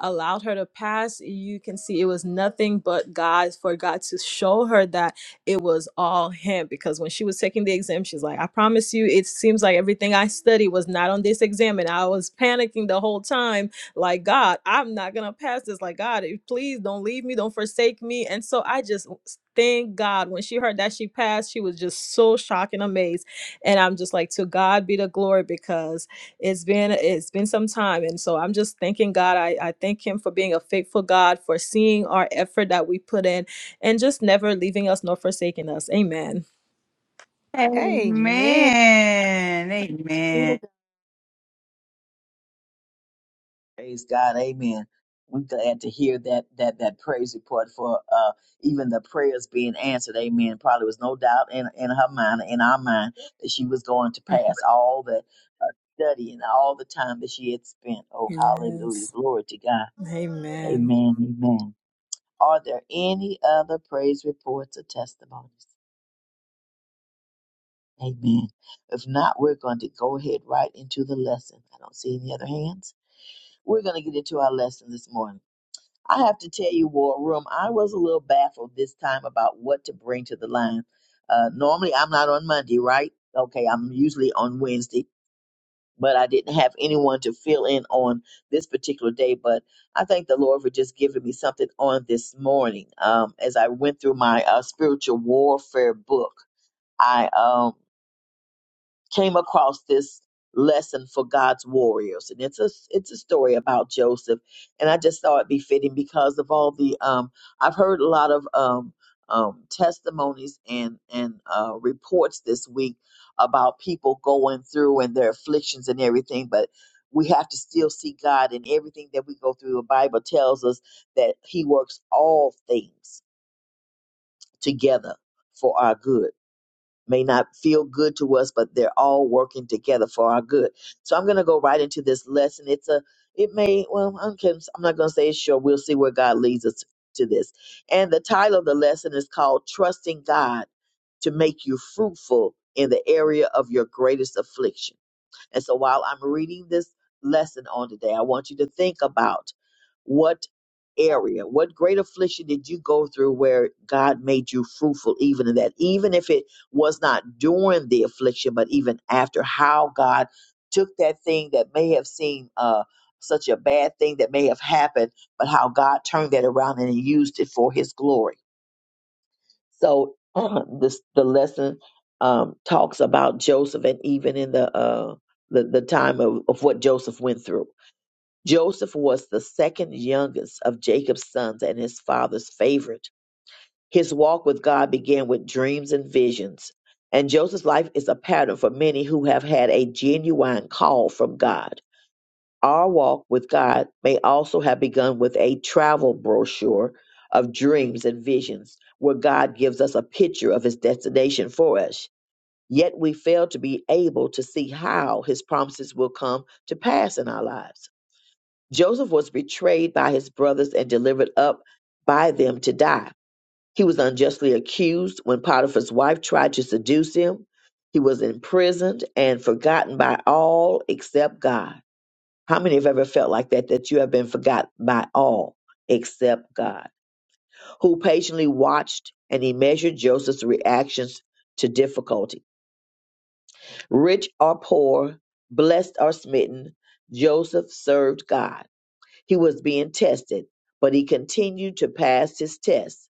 S15: allowed her to pass you can see it was nothing but god for god to show her that it was all him because when she was taking the exam, she's like, I promise you, it seems like everything I studied was not on this exam. And I was panicking the whole time, like, God, I'm not going to pass this. Like, God, eh, please don't leave me, don't forsake me. And so I just thank God when she heard that she passed, she was just so shocked and amazed. And I'm just like, to God be the glory because it's been it's been some time and so i'm just thanking god I, I thank him for being a faithful god for seeing our effort that we put in and just never leaving us nor forsaking us. Amen.
S1: Amen.
S4: Amen. Amen.
S2: Praise God, Amen. We're glad to hear that that that praise report for uh even the prayers being answered, Amen. Probably was no doubt in in her mind, in our mind, that she was going to pass all the uh, study and all the time that she had spent. Oh, hallelujah,
S15: Yes.
S2: glory to God,
S15: Amen.
S2: Amen, Amen. Are there any other praise reports or testimonies? Amen. If not, we're going to go ahead right into the lesson. I don't see any other hands. We're going to get into our lesson this morning. I have to tell you, War Room, I was a little baffled this time about what to bring to the line. Uh, normally, I'm not on Monday, right? Okay, I'm usually on Wednesday, but I didn't have anyone to fill in on this particular day. But I thank the Lord for just giving me something on this morning. Um, as I went through my uh, spiritual warfare book, I um, came across this lesson for God's warriors, and it's a it's a story about Joseph, and I just thought it befitting because of all the um I've heard a lot of um um testimonies and and uh, reports this week about people going through and their afflictions and everything, but we have to still see God in everything that we go through. The Bible tells us that He works all things together for our good may not feel good to us, but they're all working together for our good. So I'm going to go right into this lesson. It's a, it may, well, I'm, can- I'm not going to say it's sure. We'll see where God leads us to this. And the title of the lesson is called Trusting God to Make You Fruitful in the Area of Your Greatest Affliction. And so while I'm reading this lesson on today, I want you to think about what area, what great affliction did you go through where God made you fruitful even in that? Even if it was not during the affliction, but even after, how God took that thing that may have seemed uh, such a bad thing that may have happened, but how God turned that around and He used it for His glory. So uh, this the lesson um, talks about Joseph, and even in the uh, the, the time of, of what Joseph went through. Joseph was the second youngest of Jacob's sons and his father's favorite. His walk with God began with dreams and visions. And Joseph's life is a pattern for many who have had a genuine call from God. Our walk with God may also have begun with a travel brochure of dreams and visions, where God gives us a picture of his destination for us. Yet we fail to be able to see how his promises will come to pass in our lives. Joseph was betrayed by his brothers and delivered up by them to die. He was unjustly accused when Potiphar's wife tried to seduce him. He was imprisoned and forgotten by all except God. How many have ever felt like that, that you have been forgot by all except God, who patiently watched and he measured Joseph's reactions to difficulty? Rich or poor, blessed or smitten, Joseph served God. He was being tested, but he continued to pass his test.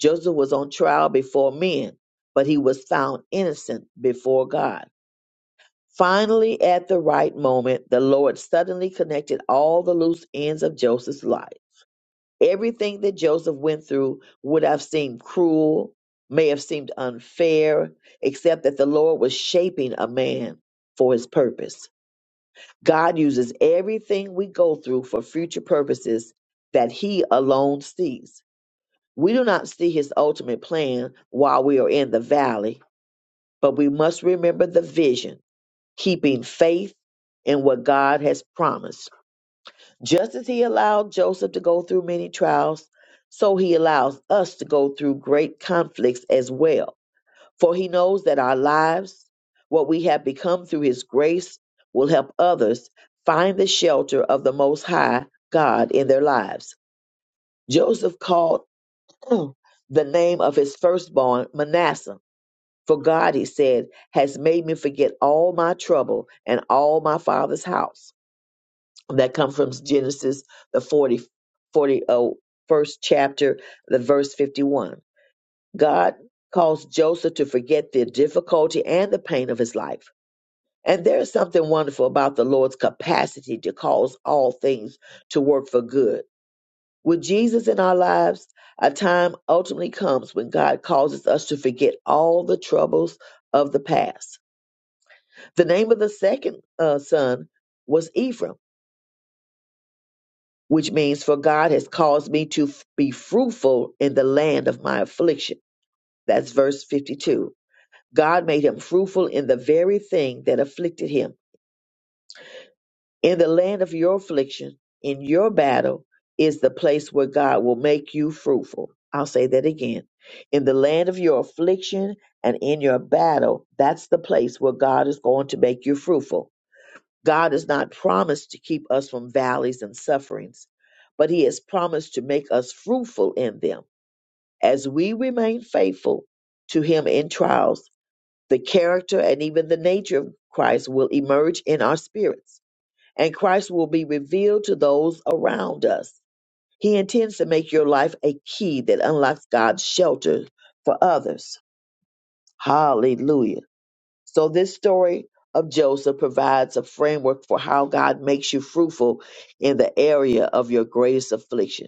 S2: Joseph was on trial before men, but he was found innocent before God. Finally, at the right moment, the Lord suddenly connected all the loose ends of Joseph's life. Everything that Joseph went through would have seemed cruel, may have seemed unfair, except that the Lord was shaping a man for his purpose. God uses everything we go through for future purposes that he alone sees. We do not see his ultimate plan while we are in the valley, but we must remember the vision, keeping faith in what God has promised. Just as he allowed Joseph to go through many trials, so he allows us to go through great conflicts as well. For he knows that our lives, what we have become through his grace, will help others find the shelter of the Most High God in their lives. Joseph called the name of his firstborn Manasseh. For God, he said, has made me forget all my trouble and all my father's house that come from Genesis, the 40, forty, oh, first chapter, the verse 51. God caused Joseph to forget the difficulty and the pain of his life. And there is something wonderful about the Lord's capacity to cause all things to work for good. With Jesus in our lives, a time ultimately comes when God causes us to forget all the troubles of the past. The name of the second uh, son was Ephraim which means for God has caused me to f- be fruitful in the land of my affliction. That's verse 52. God made him fruitful in the very thing that afflicted him. In the land of your affliction, in your battle, is the place where God will make you fruitful. I'll say that again. In the land of your affliction and in your battle, that's the place where God is going to make you fruitful. God has not promised to keep us from valleys and sufferings, but He has promised to make us fruitful in them. As we remain faithful to Him in trials, the character and even the nature of Christ will emerge in our spirits, and Christ will be revealed to those around us. He intends to make your life a key that unlocks God's shelter for others. Hallelujah. So, this story of Joseph provides a framework for how God makes you fruitful in the area of your greatest affliction.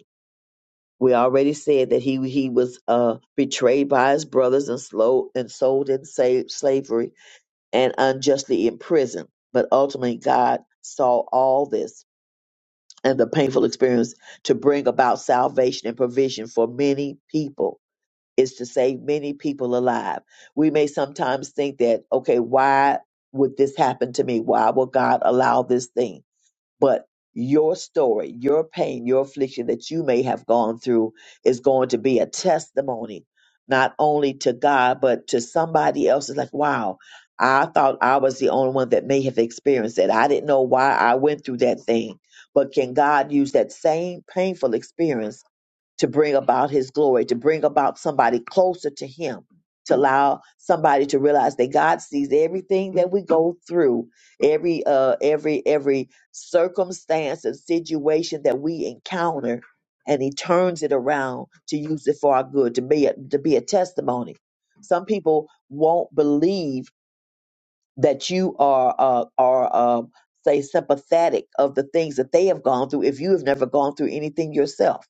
S2: We already said that he he was uh, betrayed by his brothers and slow and sold in sa- slavery and unjustly imprisoned. But ultimately, God saw all this and the painful experience to bring about salvation and provision for many people is to save many people alive. We may sometimes think that, okay, why would this happen to me? Why will God allow this thing? But your story, your pain, your affliction that you may have gone through is going to be a testimony, not only to God, but to somebody else. It's like, wow, I thought I was the only one that may have experienced that. I didn't know why I went through that thing. But can God use that same painful experience? to bring about his glory, to bring about somebody closer to him, to allow somebody to realize that God sees everything that we go through, every uh every every circumstance and situation that we encounter, and he turns it around to use it for our good, to be a, to be a testimony. Some people won't believe that you are uh, are uh, say sympathetic of the things that they have gone through if you have never gone through anything yourself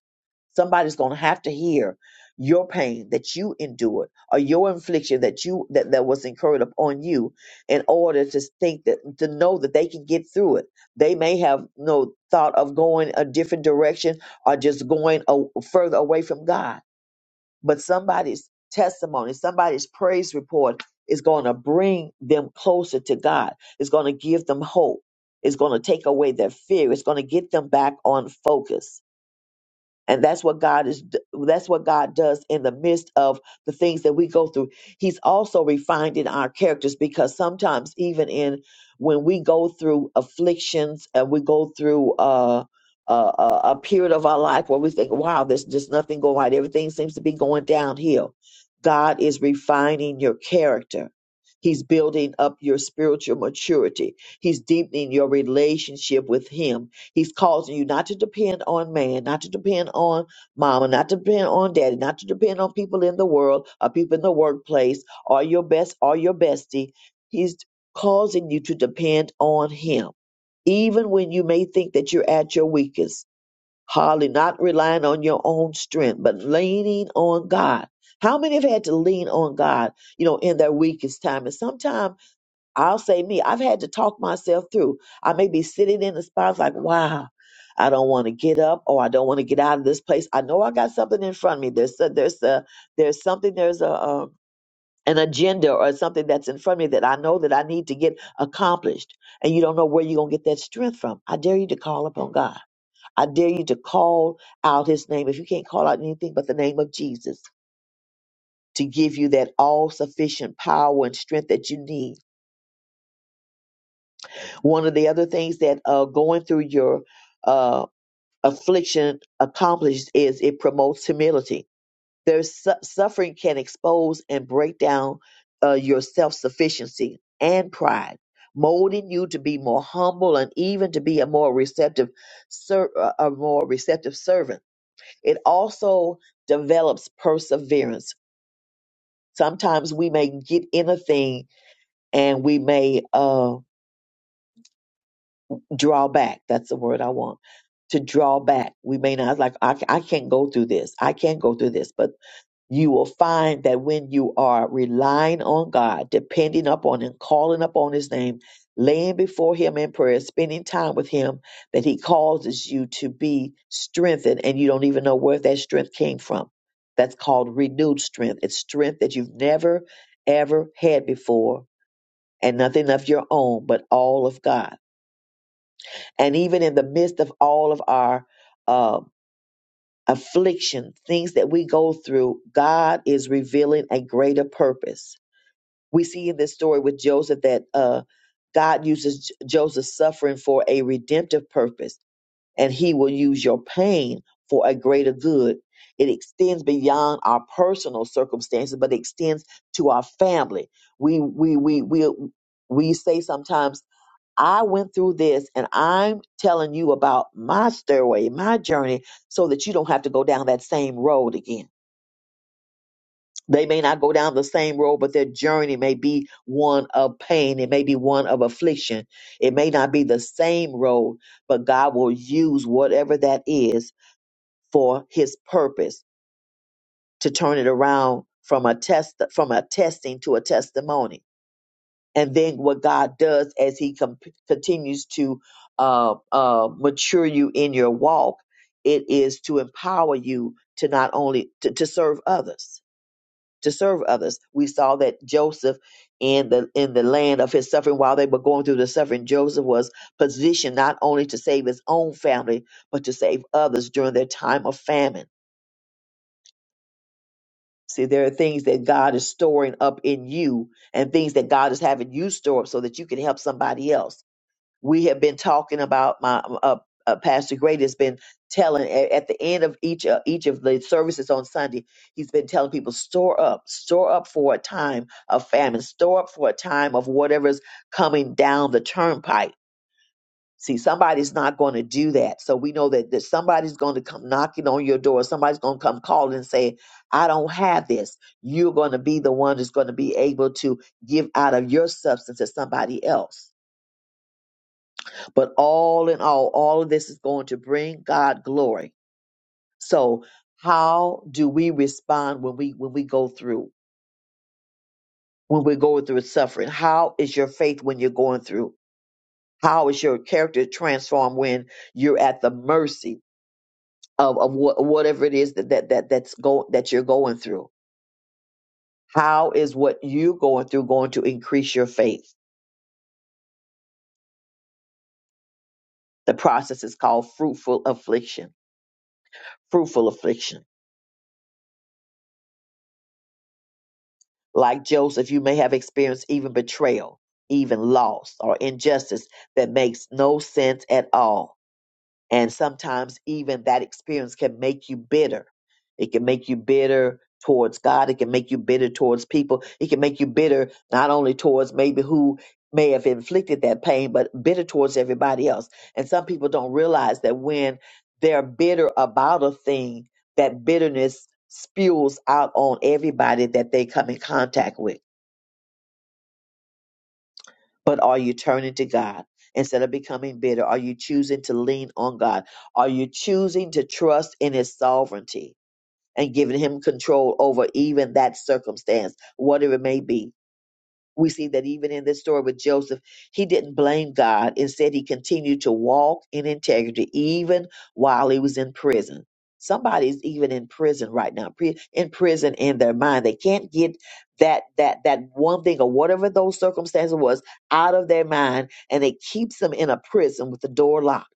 S2: somebody's going to have to hear your pain that you endured or your infliction that you that, that was incurred upon you in order to think that to know that they can get through it they may have no thought of going a different direction or just going a, further away from god but somebody's testimony, somebody's praise report is going to bring them closer to God. It's going to give them hope. It's going to take away their fear. It's going to get them back on focus and that's what god is that's what god does in the midst of the things that we go through he's also refining our characters because sometimes even in when we go through afflictions and we go through uh a, a, a period of our life where we think, wow, there's just nothing going right. Everything seems to be going downhill. God is refining your character. He's building up your spiritual maturity. He's deepening your relationship with Him He's causing you not to depend on man, not to depend on mama, not to depend on daddy, not to depend on people in the world or people in the workplace or your best or your bestie. He's causing you to depend on him, even when you may think that you're at your weakest. Hardly not relying on your own strength, but leaning on God. How many have had to lean on God, you know, in their weakest time? And sometimes I'll say me. I've had to talk myself through. I may be sitting in the spot like, wow, I don't want to get up or I don't want to get out of this place. I know I got something in front of me. There's a, there's a, there's something, there's a, um, an agenda or something that's in front of me that I know that I need to get accomplished. And you don't know where you're going to get that strength from. I dare you to call upon God. I dare you to call out his name. If you can't call out anything but the name of Jesus to give you that all sufficient power and strength that you need one of the other things that uh, going through your uh, affliction accomplishes is it promotes humility. There's su- suffering can expose and break down uh, your self sufficiency and pride, molding you to be more humble and even to be a more receptive, ser- uh, a more receptive servant. It also develops perseverance. Sometimes we may get in a thing and we may. Uh, draw back. That's the word I want to draw back. We may not like, I, I can't go through this. I can't go through this. But you will find that when you are relying on God, depending upon Him, calling upon His name, laying before Him in prayer, spending time with Him, that He causes you to be strengthened and you don't even know where that strength came from. That's called renewed strength. It's strength that you've never, ever had before and nothing of your own, but all of God and even in the midst of all of our uh, affliction, things that we go through, God is revealing a greater purpose. We see in this story with Joseph that uh, God uses J- Joseph's suffering for a redemptive purpose, and He will use your pain for a greater good. It extends beyond our personal circumstances, but it extends to our family. We we we we we say sometimes I went through this and I'm telling you about my stairway, my journey, so that you don't have to go down that same road again. They may not go down the same road, but their journey may be one of pain. It may be one of affliction. It may not be the same road, but God will use whatever that is for his purpose to turn it around from a test, from a testing to a testimony and then what God does as He com- continues to uh, uh, mature you in your walk, it is to empower you to not only to, to serve others, to serve others. We saw that Joseph in the in the land of his suffering, while they were going through the suffering, Joseph was positioned not only to save his own family, but to save others during their time of famine. See, there are things that God is storing up in you and things that God is having you store up so that you can help somebody else we have been talking about my uh, uh, pastor great has been telling a- at the end of each uh, each of the services on sunday he's been telling people store up store up for a time of famine store up for a time of whatever's coming down the turnpike see somebody's not going to do that so we know that, that somebody's going to come knocking on your door somebody's going to come calling and say i don't have this you're going to be the one that's going to be able to give out of your substance to somebody else but all in all, all of this is going to bring God glory. So how do we respond when we when we go through when we're going through suffering? How is your faith when you're going through? How is your character transformed when you're at the mercy of, of what, whatever it is that, that, that that's go that you're going through? How is what you're going through going to increase your faith? The process is called fruitful affliction. Fruitful affliction. Like Joseph, you may have experienced even betrayal, even loss, or injustice that makes no sense at all. And sometimes even that experience can make you bitter. It can make you bitter towards God. It can make you bitter towards people. It can make you bitter not only towards maybe who may have inflicted that pain, but bitter towards everybody else. And some people don't realize that when they're bitter about a thing, that bitterness spews out on everybody that they come in contact with but are you turning to God instead of becoming bitter? Are you choosing to lean on God? Are you choosing to trust in His sovereignty and giving Him control over even that circumstance, whatever it may be? we see that even in this story with Joseph, he didn't blame God. Instead, he continued to walk in integrity even while he was in prison. Somebody's even in prison right now, pre- in prison in their mind. They can't get that that that one thing or whatever those circumstances was out of their mind, and it keeps them in a prison with the door locked.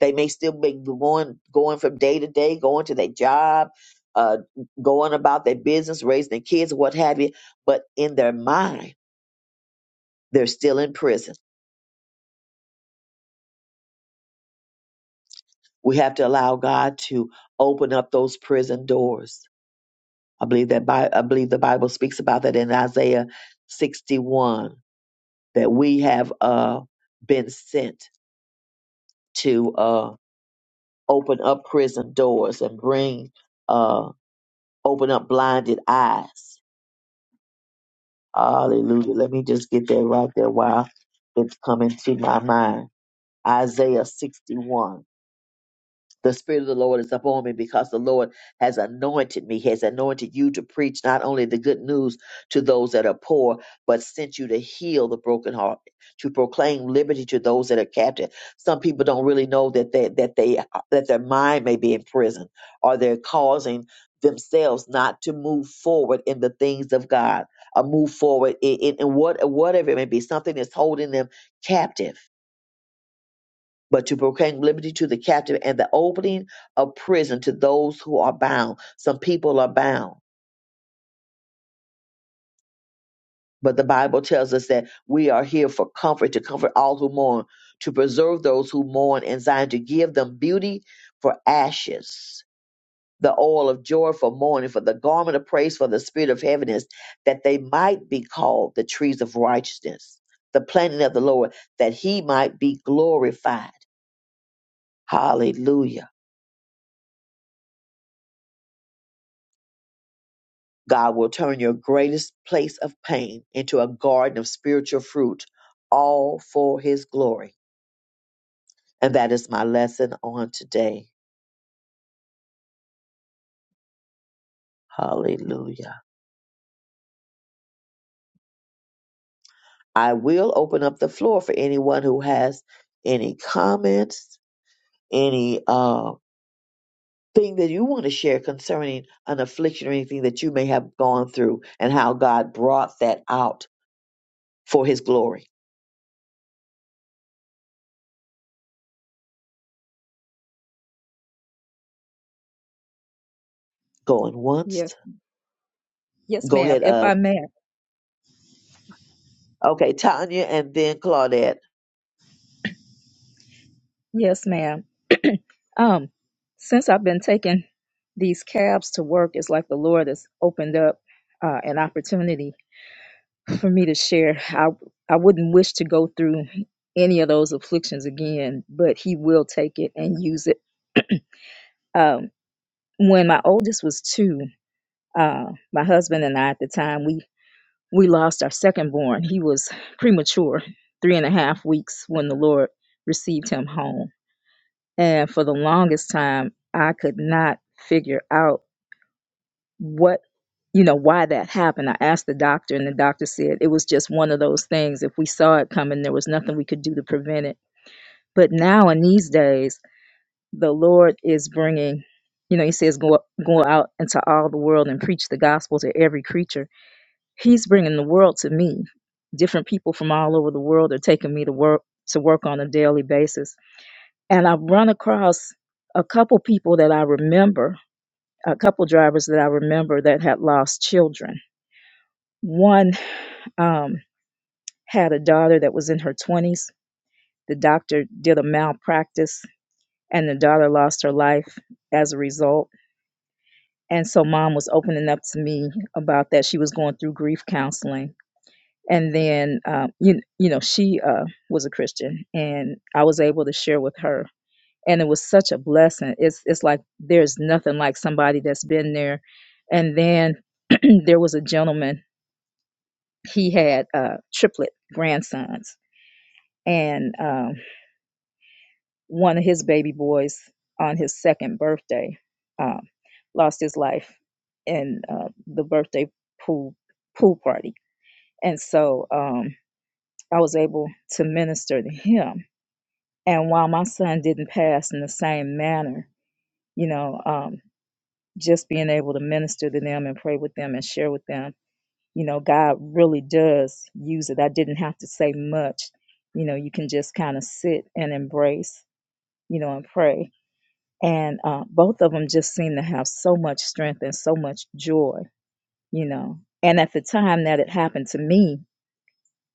S2: They may still be going going from day to day, going to their job, uh, going about their business, raising their kids, what have you, but in their mind they're still in prison. We have to allow God to open up those prison doors. I believe that Bi- I believe the Bible speaks about that in Isaiah 61 that we have uh, been sent to uh, open up prison doors and bring uh, open up blinded eyes. Hallelujah. Let me just get that right there while it's coming to my mind. Isaiah 61. the spirit of the lord is upon me because the lord has anointed me has anointed you to preach not only the good news to those that are poor but sent you to heal the broken heart to proclaim liberty to those that are captive some people don't really know that they that they that their mind may be in prison or they're causing themselves not to move forward in the things of god or move forward in, in, in what whatever it may be something that's holding them captive but to proclaim liberty to the captive and the opening of prison to those who are bound. Some people are bound, but the Bible tells us that we are here for comfort, to comfort all who mourn, to preserve those who mourn in Zion, to give them beauty for ashes, the oil of joy for mourning, for the garment of praise for the spirit of heaviness, that they might be called the trees of righteousness, the planting of the Lord, that he might be glorified. Hallelujah. God will turn your greatest place of pain into a garden of spiritual fruit, all for his glory. And that is my lesson on today. Hallelujah. I will open up the floor for anyone who has any comments, any uh thing that you want to share concerning an affliction or anything that you may have gone through and how God brought that out for his glory. Going once.
S16: Yes, yes,
S2: Go
S16: ma'am.
S2: ahead,
S16: If
S2: uh
S16: I may,
S2: okay, Tanya and then Claudette.
S16: yes, ma'am. Um, since I've been taking these cabs to work, it's like the Lord has opened up uh, an opportunity for me to share. I I wouldn't wish to go through any of those afflictions again, but He will take it and use it. Um, when my oldest was two, uh, my husband and I at the time we we lost our second born. He was premature, three and a half weeks when the Lord received him home And for the longest time, I could not figure out what, you know, why that happened. I asked the doctor, and the doctor said it was just one of those things. If we saw it coming, there was nothing we could do to prevent it. But now, in these days, the Lord is bringing, you know, He says, go, go out into all the world and preach the gospel to every creature. He's bringing the world to me. Different people from all over the world are taking me to work to work on a daily basis and I've run across a couple people that I remember, a couple drivers that I remember that had lost children. One um, had a daughter that was in her 20s. The doctor did a malpractice, and the daughter lost her life as a result. And so, mom was opening up to me about that. She was going through grief counseling. And then, um, you, you know, she uh, was a Christian, and I was able to share with her and it was such a blessing it's it's like there's nothing like somebody that's been there and then there was a gentleman he had uh triplet grandsons and um one of his baby boys on his second birthday um lost his life in uh, the birthday pool pool party and so um i was able to minister to him and while my son didn't pass in the same manner you know um, just being able to minister to them and pray with them and share with them. You know, God really does use it. I didn't have to say much. You know, you can just kind of sit and embrace, you know, and pray. And uh, both of them just seem to have so much strength and so much joy, you know. And at the time that it happened to me,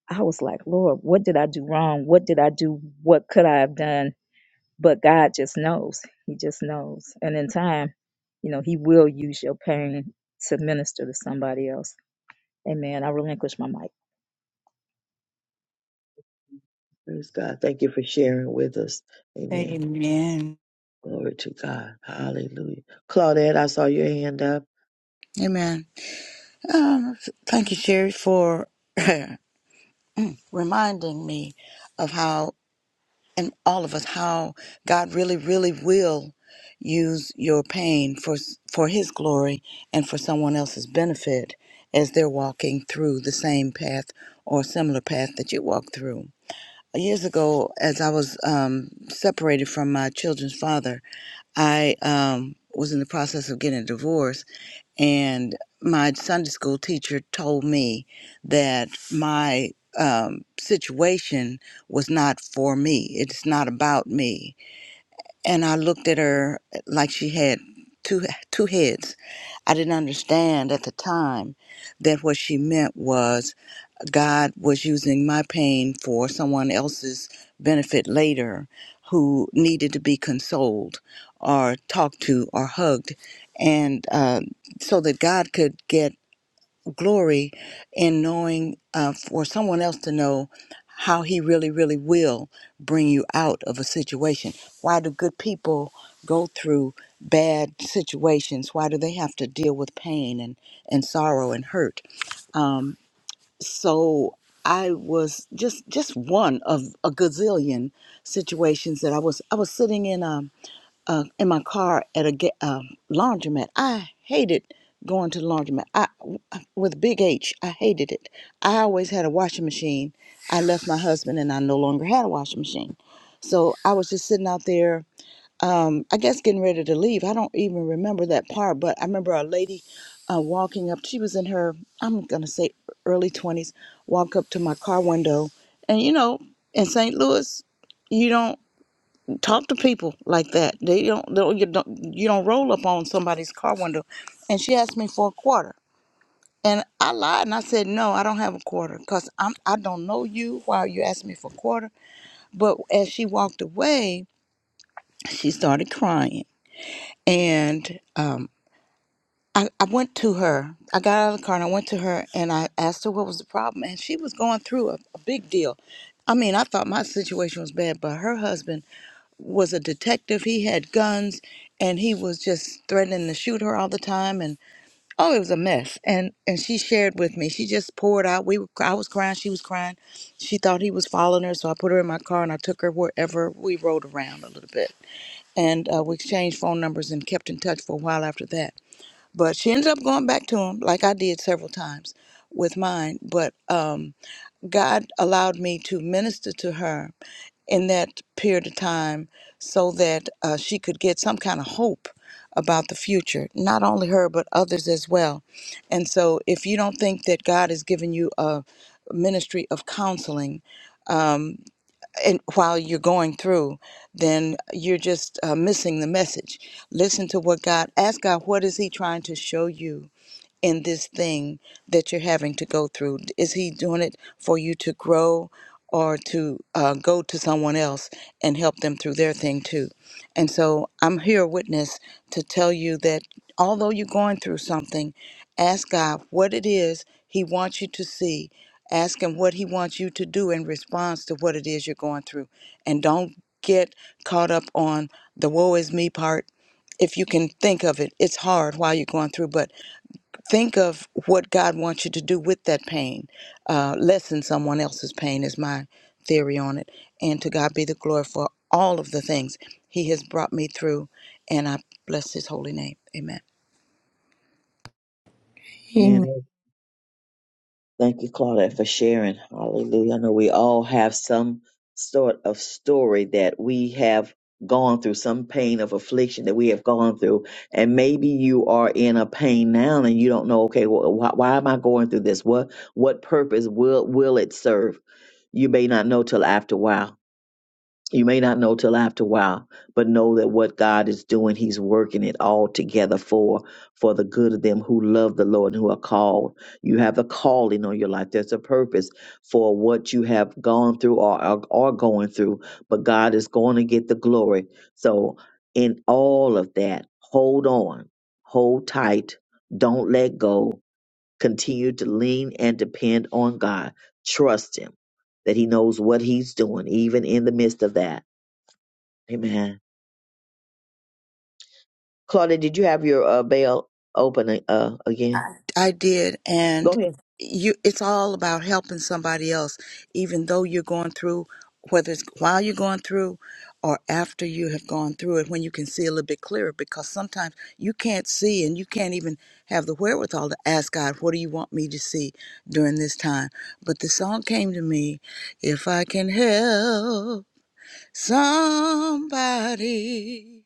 S16: I was like, Lord, what did I do wrong? What did I do? What could I have done? But God just knows. He just knows. And in time, you know, He will use your pain to minister to somebody else. Amen. I relinquish my mic.
S2: Praise God. Thank you for sharing with us. Amen.
S4: Amen.
S2: Glory to God. Hallelujah. Claudette, I saw your hand up.
S3: Amen. Um, thank you, Sherry, for reminding me of how, and all of us, how God really, really will use your pain for for His glory and for someone else's benefit as they're walking through the same path or similar path that you walk through. Years ago, as I was um, separated from my children's father, I um, was in the process of getting a divorce, and my Sunday school teacher told me that my um, situation was not for me. It's not about me. And I looked at her like she had two two heads. I didn't understand at the time that what she meant was God was using my pain for someone else's benefit later who needed to be consoled or talked to or hugged. And uh, so that God could get glory in knowing uh, for someone else to know how He really, really will bring you out of a situation. Why do good people go through bad situations? Why do they have to deal with pain and, and sorrow and hurt? Um, so I was just just one of a gazillion situations that I was I was sitting in um uh, in my car at a ga- um laundromat. I hated going to the laundromat. I with big H, I hated it. I always had a washing machine. I left my husband and I no longer had a washing machine. So I was just sitting out there um, I guess getting ready to leave. I don't even remember that part, but I remember a lady uh, walking up. She was in her, I'm going to say early 20s, walk up to my car window. And, you know, in St. Louis, you don't talk to people like that. They don't, they don't, you don't, you don't roll up on somebody's car window. And she asked me for a quarter. And I lied and I said, no, I don't have a quarter because I'm, I don't know you. Why are you asking me for a quarter? But as she walked away, she started crying And um, I, I went to her. I got out of the car and I went to her and I asked her what was the problem. And she was going through a, a big deal. I mean, I thought my situation was bad, but her husband was a detective. He had guns and he was just threatening to shoot her all the time. And oh, it was a mess. And and she shared with me. She just poured out. We were, I was crying. She was crying. She thought he was following her. So I put her in my car and I took her wherever we rode around a little bit. And uh, we exchanged phone numbers and kept in touch for a while after that but she ended up going back to him, like I did several times with mine. But um, God allowed me to minister to her in that period of time so that uh, she could get some kind of hope about the future, not only her, but others as well. And so if you don't think that God has given you a ministry of counseling and while you're going through then you're just uh, missing the message listen to what god ask god what is he trying to show you in this thing that you're having to go through? Is he doing it for you to grow or to uh, go to someone else and help them through their thing too? And so I'm here, a witness, to tell you that although you're going through something, ask God what it is He wants you to see. Ask Him what He wants you to do in response to what it is you're going through. And don't get caught up on the woe is me part if you can think of it, it's hard while you're going through, but think of what God wants you to do with that pain. Uh, lessen someone else's pain is my theory on it. And to God be the glory for all of the things He has brought me through. And I bless His holy name. Amen.
S2: And
S1: Amen.
S2: thank you, Claudette, for sharing. Hallelujah. I know we all have some sort of story that we have gone through, some pain of affliction that we have gone through. And maybe you are in a pain now and you don't know, okay, well, why, why am I going through this? What what purpose will will it serve? You may not know till after a while You may not know till after a while, but know that what God is doing, He's working it all together for for the good of them who love the Lord and who are called. You have a calling on your life. There's a purpose for what you have gone through or are, are going through, but God is going to get the glory. So in all of that, hold on, hold tight, don't let go. Continue to lean and depend on God. Trust Him that He knows what He's doing, even in the midst of that Amen. Claudia, did you have your uh, bell open uh, again?
S3: I did, and
S2: Go ahead.
S3: you it's all about helping somebody else, even though you're going through whether it's while you're going through or after you have gone through it when you can see a little bit clearer because sometimes you can't see and you can't even have the wherewithal to ask God, what do you want me to see during this time? But the song came to me, if I can help somebody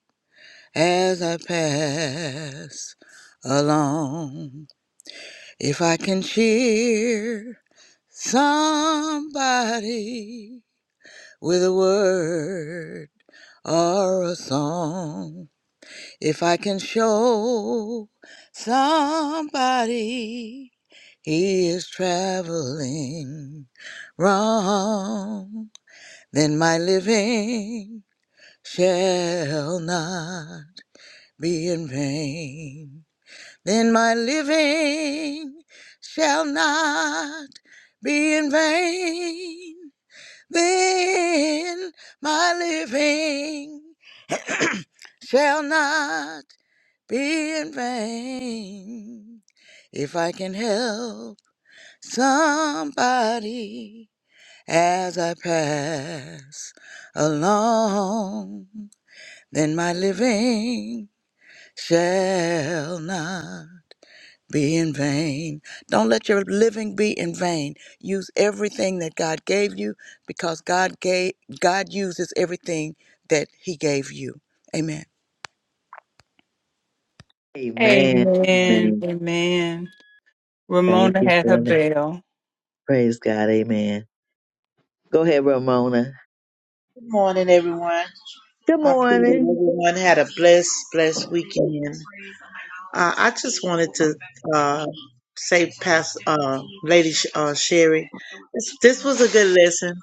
S3: as I pass along. If I can cheer somebody with a word or a song, if I can show somebody he is traveling wrong, then my living shall not be in vain. then my living shall not be in vain. Then my living shall not be in vain. If I can help somebody as I pass along, then my living shall not. be in vain. Don't let your living be in vain. Use everything that God gave you because God gave God uses everything that he gave you. Amen.
S2: Amen.
S4: Amen.
S2: Amen.
S4: Amen.
S2: Thank
S4: Ramona
S2: you
S4: had her
S2: for that.
S4: bell.
S2: Praise God. Amen. Go ahead, Ramona.
S17: Good morning, everyone.
S2: Good
S17: I pray
S2: morning.
S17: that everyone had a blessed, blessed weekend. Uh, I just wanted to uh, say, past uh, Lady Sh- uh, Sherry, this, this was a good lesson.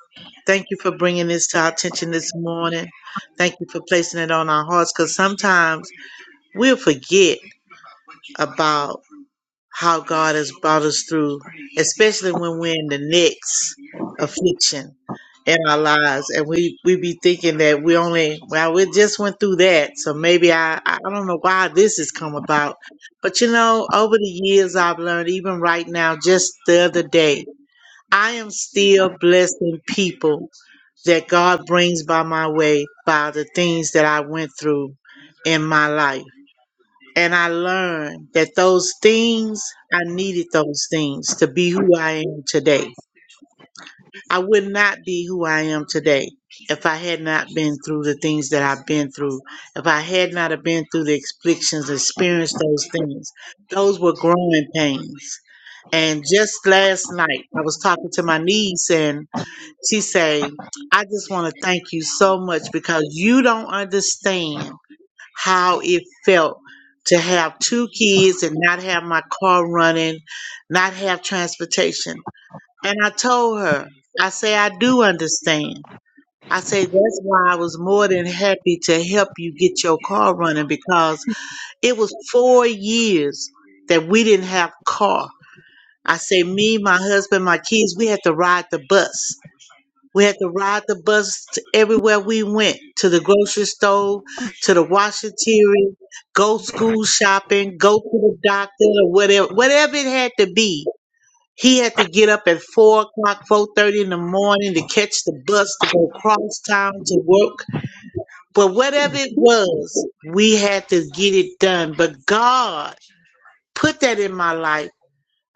S17: Thank you for bringing this to our attention this morning. Thank you for placing it on our hearts because sometimes we'll forget about how God has brought us through, especially when we're in the next affliction in our lives, and we we be thinking that we only well we just went through that, so maybe I I don't know why this has come about, but you know over the years I've learned even right now just the other day I am still blessing people that God brings by my way by the things that I went through in my life. And I learned that those things, I needed those things to be who I am today. I would not be who I am today if I had not been through the things that I've been through. If I had not have been through the afflictions, experienced those things. Those were growing pains. And just last night, I was talking to my niece and she say, I just want to thank you so much because you don't understand how it felt to have two kids and not have my car running, not have transportation. And I told her, I say, I do understand. I say, that's why I was more than happy to help you get your car running because it was four years that we didn't have car. I say, me, my husband, my kids, we had to ride the bus. We had to ride the bus to everywhere we went, to the grocery store, to the washateria, go school shopping, go to the doctor, or whatever, whatever it had to be. He had to get up at four o'clock, four thirty in the morning to catch the bus to go cross town to work. But whatever it was, we had to get it done. But God put that in my life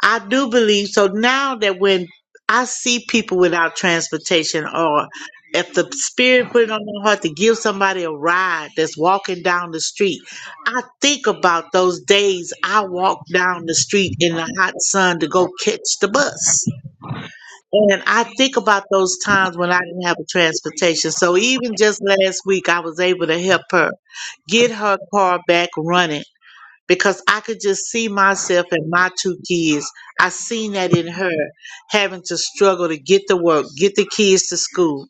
S17: I do believe so now that when I see people without transportation or if the spirit put it on my heart to give somebody a ride that's walking down the street, I think about those days I walked down the street in the hot sun to go catch the bus. And I think about those times when I didn't have a transportation. So even just last week, I was able to help her get her car back running because I could just see myself and my two kids. I seen that in her having to struggle to get to work, get the kids to school.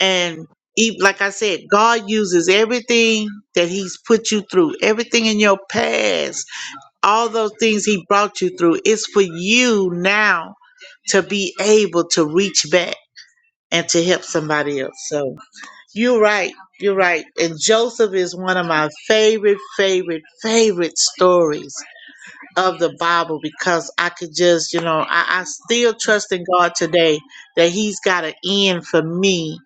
S17: And e- like I said, God uses everything that He's put you through, everything in your past, all those things He brought you through. It's for you now to be able to reach back and to help somebody else. So you're right. You're right. And Joseph is one of my favorite, favorite, favorite stories of the Bible because I could just, you know, I, I still trust in God today that He's got an end for me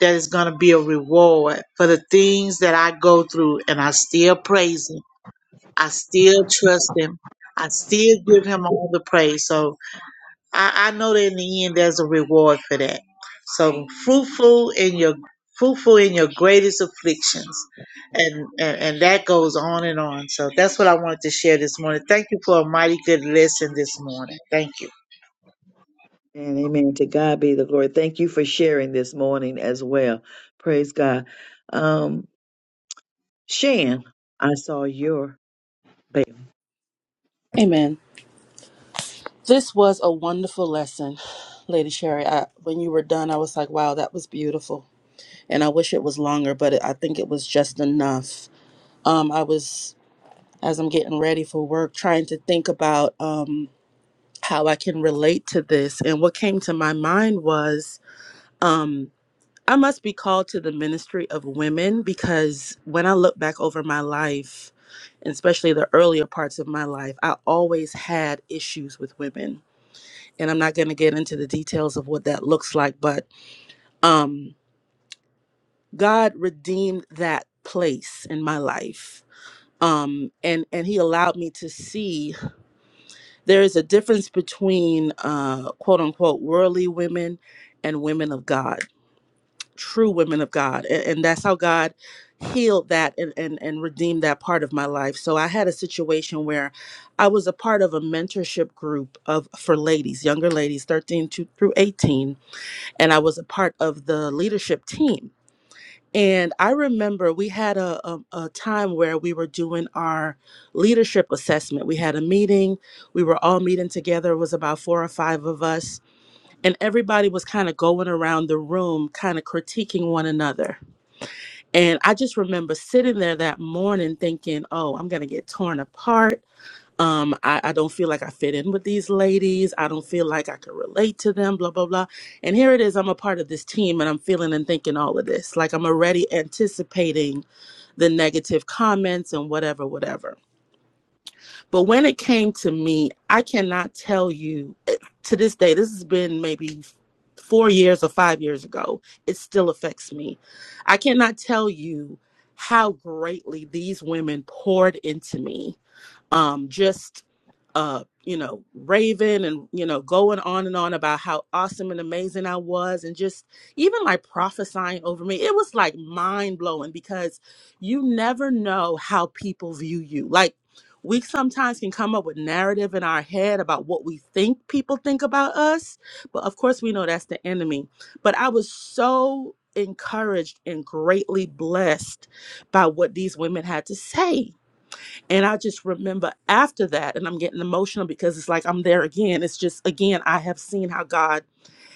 S17: that is going to be a reward for the things that I go through. And I still praise Him. I still trust Him. I still give Him all the praise. So I, I know that in the end there's a reward for that. So fruitful in your fruitful in your greatest afflictions. And, and and that goes on and on. So that's what I wanted to share this morning. Thank you for a mighty good lesson this morning. Thank you.
S2: And amen. To God be the glory. Thank you for sharing this morning as well. Praise God. Um, Shan, I saw your bell.
S7: Amen. This was a wonderful lesson, Lady Sherry. I, when you were done, I was like, wow, that was beautiful. And I wish it was longer, but I think it was just enough. Um, I was, as I'm getting ready for work, trying to think about. Um, how I can relate to this. And what came to my mind was um, I must be called to the ministry of women because when I look back over my life, and especially the earlier parts of my life, I always had issues with women. And I'm not going to get into the details of what that looks like, but um, God redeemed that place in my life. Um, and and he allowed me to see there is a difference between uh, quote unquote worldly women and women of God, true women of God. And, and that's how God healed that and, and, and redeemed that part of my life. So I had a situation where I was a part of a mentorship group of for ladies, younger ladies, 13 to, through 18, and I was a part of the leadership team and I remember we had a, a, a time where we were doing our leadership assessment. We had a meeting, we were all meeting together, it was about four or five of us, and everybody was kind of going around the room, kind of critiquing one another. And I just remember sitting there that morning thinking, oh, I'm going to get torn apart um I, I don't feel like i fit in with these ladies i don't feel like i could relate to them blah blah blah and here it is i'm a part of this team and i'm feeling and thinking all of this like i'm already anticipating the negative comments and whatever whatever but when it came to me i cannot tell you to this day this has been maybe four years or five years ago it still affects me i cannot tell you how greatly these women poured into me um, just uh, you know, raving and you know, going on and on about how awesome and amazing I was, and just even like prophesying over me. It was like mind blowing because you never know how people view you. Like we sometimes can come up with narrative in our head about what we think people think about us, but of course we know that's the enemy. But I was so encouraged and greatly blessed by what these women had to say and I just remember after that, and I'm getting emotional because it's like I'm there again. It's just, again, I have seen how God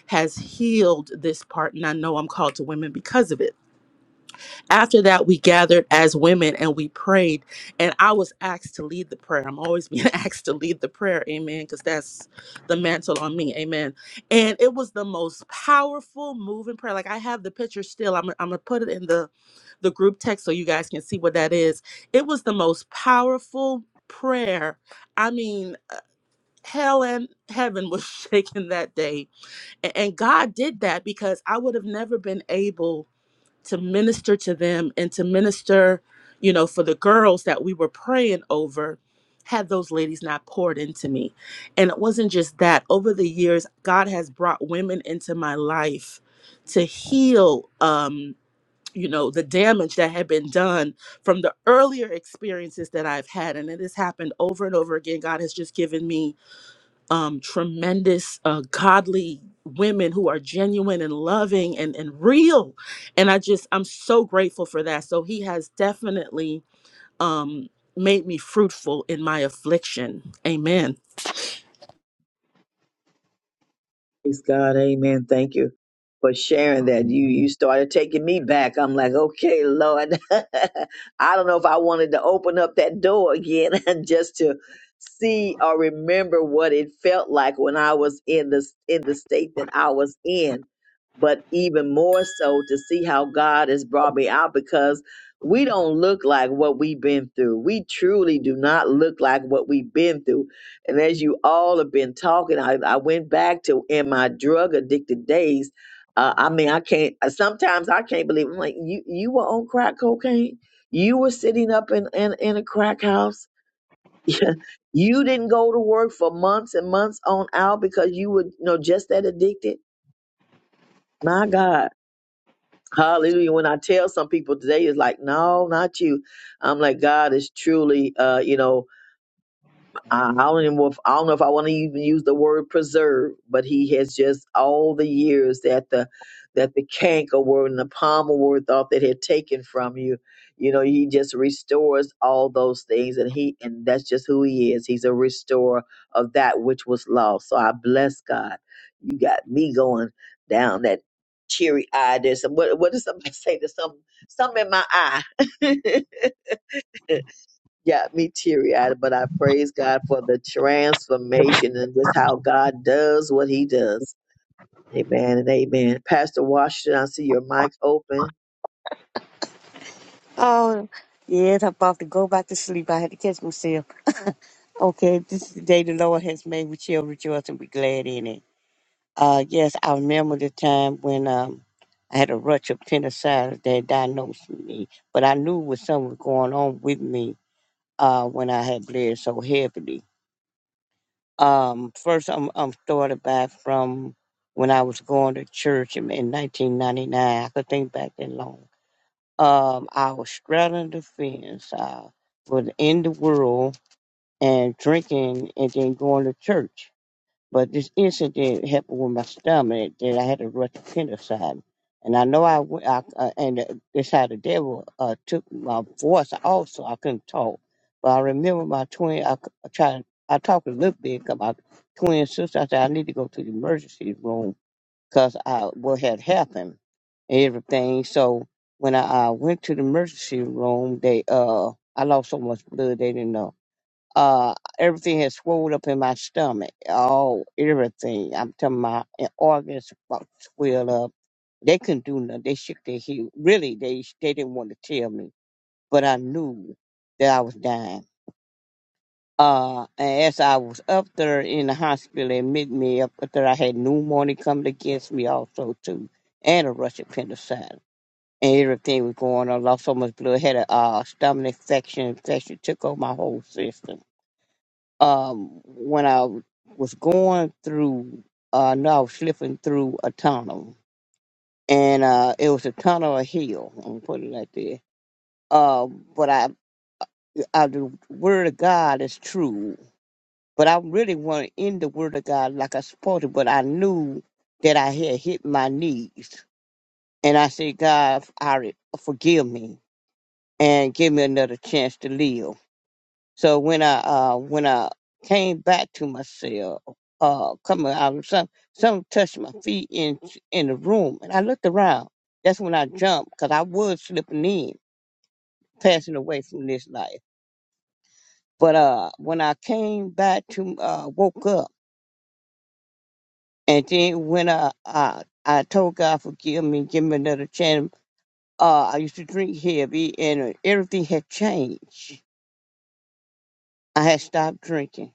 S7: has healed this part, and I know I'm called to women because of it after that we gathered as women and we prayed and i was asked to lead the prayer i'm always being asked to lead the prayer amen because that's the mantle on me amen and it was the most powerful moving prayer like i have the picture still i'm, I'm gonna put it in the the group text so you guys can see what that is it was the most powerful prayer i mean uh, hell and heaven was shaken that day A- and god did that because i would have never been able to minister to them and to minister, you know, for the girls that we were praying over, had those ladies not poured into me. And it wasn't just that. Over the years, God has brought women into my life to heal, um, you know, the damage that had been done from the earlier experiences that I've had. And it has happened over and over again. God has just given me um, tremendous uh, godly women who are genuine and loving and, and real. And I just, I'm so grateful for that. So he has definitely um, made me fruitful in my affliction. Amen.
S2: Praise God, Amen. Thank you for sharing that. You you started taking me back. I'm like, okay, Lord, I don't know if I wanted to open up that door again and just to see or remember what it felt like when I was in the in the state that I was in. But even more so to see how God has brought me out because we don't look like what we've been through. We truly do not look like what we've been through and as you all have been talking, I, I went back to in my drug addicted days. Uh, I mean, I can't. uh, Sometimes I can't believe. I'm like, you you were on crack cocaine. You were sitting up in in, in a crack house. you didn't go to work for months and months on out because you were you know just that addicted. My God, Hallelujah! When I tell some people today, it's like, no, not you. I'm like, God is truly, uh, you know I I don't even know if, I don't know if I want to even use the word preserve, but he has just all the years that the that the canker word and the palmer word thought that had taken from you. You know, he just restores all those things and he and that's just who he is. He's a restorer of that which was lost. So I bless God. You got me going down that teary eye. There's some what what did somebody say? There's some something in my eye. got me teary eyed, but I praise God for the transformation and just how God does what he does. Amen and amen. Pastor Washington, I see your mic open.
S18: Oh, yes, I'm about to go back to sleep. I had to catch myself. Okay, this is the day the Lord has made. We shall rejoice and be glad in it. Uh, yes, I remember the time when um, I had a rush of appendicitis that diagnosed me, but I knew what something was going on with me uh, when I had bled so heavily. Um, first, I'm, I'm started back from when I was going to church in, in 1999. I could think back that long um, I was straddling the fence. I was in the world and drinking and then going to church. But this incident happened with my stomach that I had to rush to penicillin. And I know I, went, I uh, and it's how the devil uh, took my voice also. I couldn't talk. But I remember my twin, I, c- I tried, I talked a little bit 'cause my twin sister, I said, I need to go to the emergency room because I, what had happened, everything. So when I uh, went to the emergency room, they uh, I lost so much blood they didn't know. Uh, everything had swelled up in my stomach. All everything. I'm telling my eh, organs about swelled up. They couldn't do nothing. They shook their head. Really, they they didn't want to tell me, but I knew that I was dying. Uh, and as I was up there in the hospital, they admit me up there, I had pneumonia coming against me also too, and a rush appendicitis. And everything was going on. Lost so much blood. Had a uh, stomach infection. Infection took over my whole system. Um, when I was going through, uh, no, I was slipping through a tunnel, and uh, it was a tunnel, a hill. I'm gonna put it like that. Uh, but I, I, the word of God is true. But I really want to end the word of God like I supposed to, but I knew that I had hit my knees. And I said, God, I re- forgive me and give me another chance to live. So when I uh when I came back to myself, uh coming out some some touched my feet in in the room and I looked around. That's when I jumped because I was slipping in, passing away from this life. But uh when I came back to uh woke up And then when I, I I told God, forgive me, give me another chance. Uh, I used to drink heavy, and uh, everything had changed. I had stopped drinking.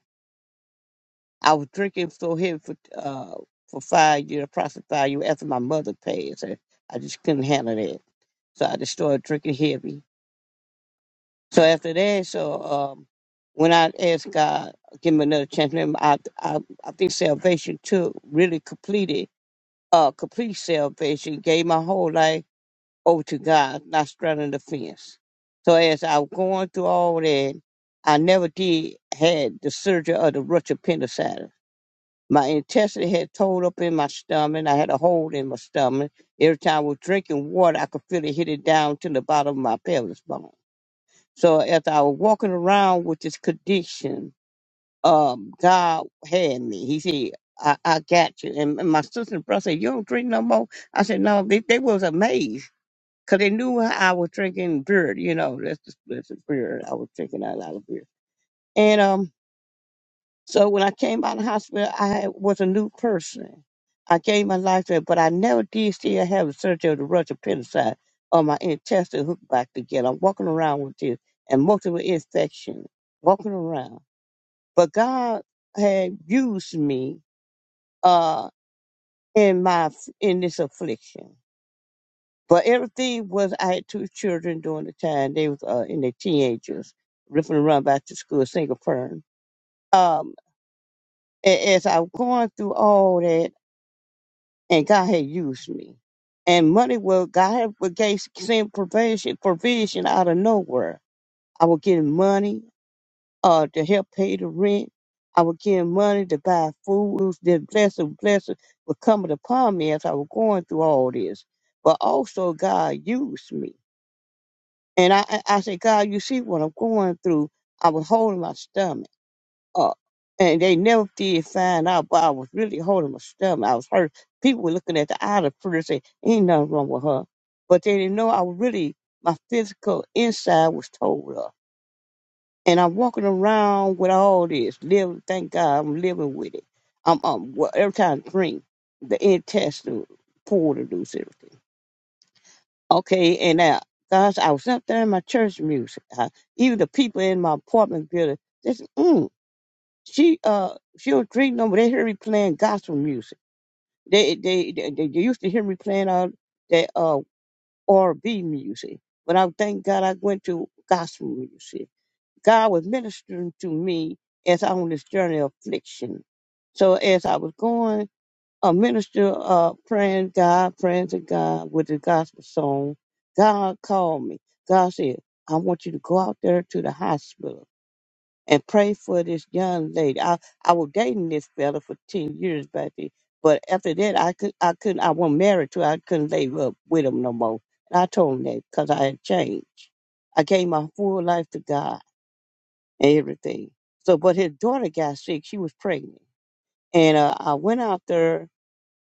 S18: I was drinking so heavy for uh for five years, approximately five years after my mother passed. I, I just couldn't handle that, so I just started drinking heavy. So after that, so um, when I asked God, give me another chance, remember, I I, I think salvation took really completed uh complete salvation, gave my whole life over to God, not straddling the fence. So as I was going through all that, I never did had the surgery of the ruptured appendicitis. My intestine had tore up in my stomach. I had a hole in my stomach. Every time I was drinking water, I could feel it hit it down to the bottom of my pelvis bone. So as I was walking around with this condition, um, God had me. He said, I, I got you. And, and my sister and brother said, You don't drink no more? I said, No, they, they was amazed because they knew I was drinking beer. You know, that's just, that's just beer. I was drinking a lot of beer. And um, so when I came out of the hospital, I had, was a new person. I gave my life to it, but I never did still have a surgery to rush appendicite or my intestine hooked back together. I'm walking around with this and multiple infections, walking around. But God had used me uh, in my in this affliction But everything was I had two children during the time they was uh, in their teenagers, ripping around back to school, single parent. Um, a- as I was going through all that, and God had used me, and money was God had was gave sent provision provision out of nowhere. I was getting money uh to help pay the rent. I was getting money to buy food. It was This blessing, blessing was coming upon me as I was going through all this. But also God used me And I, I I said, God, you see what I'm going through. I was holding my stomach up. And they never did find out, but I was really holding my stomach. I was hurt. People were looking at the eye of the pretty and say, ain't nothing wrong with her. But they didn't know I was really, my physical inside was told up. And I'm walking around with all this, living, thank God I'm living with it. I'm, I'm well, every time I drink, the intestine pulled to loose everything. Okay, and uh, gosh, I was up there in my church music. Uh, even the people in my apartment building, just mm, she uh she was drinking over. They hear me playing gospel music. They they they, they used to hear me playing all that uh R and b music, but I thank God I went to gospel music. God was ministering to me as I on this journey of affliction. So as I was going a minister uh, praying God, praying to God with the gospel song. God called me. God said, I want you to go out there to the hospital and pray for this young lady. I, I was dating this fella for 10 years back then. But after that, I could I couldn't I wasn't married to. her. I couldn't lay up with him no more. And I told him that because I had changed. I gave my full life to God and everything. So, but his daughter got sick. She was pregnant, and uh, I went out there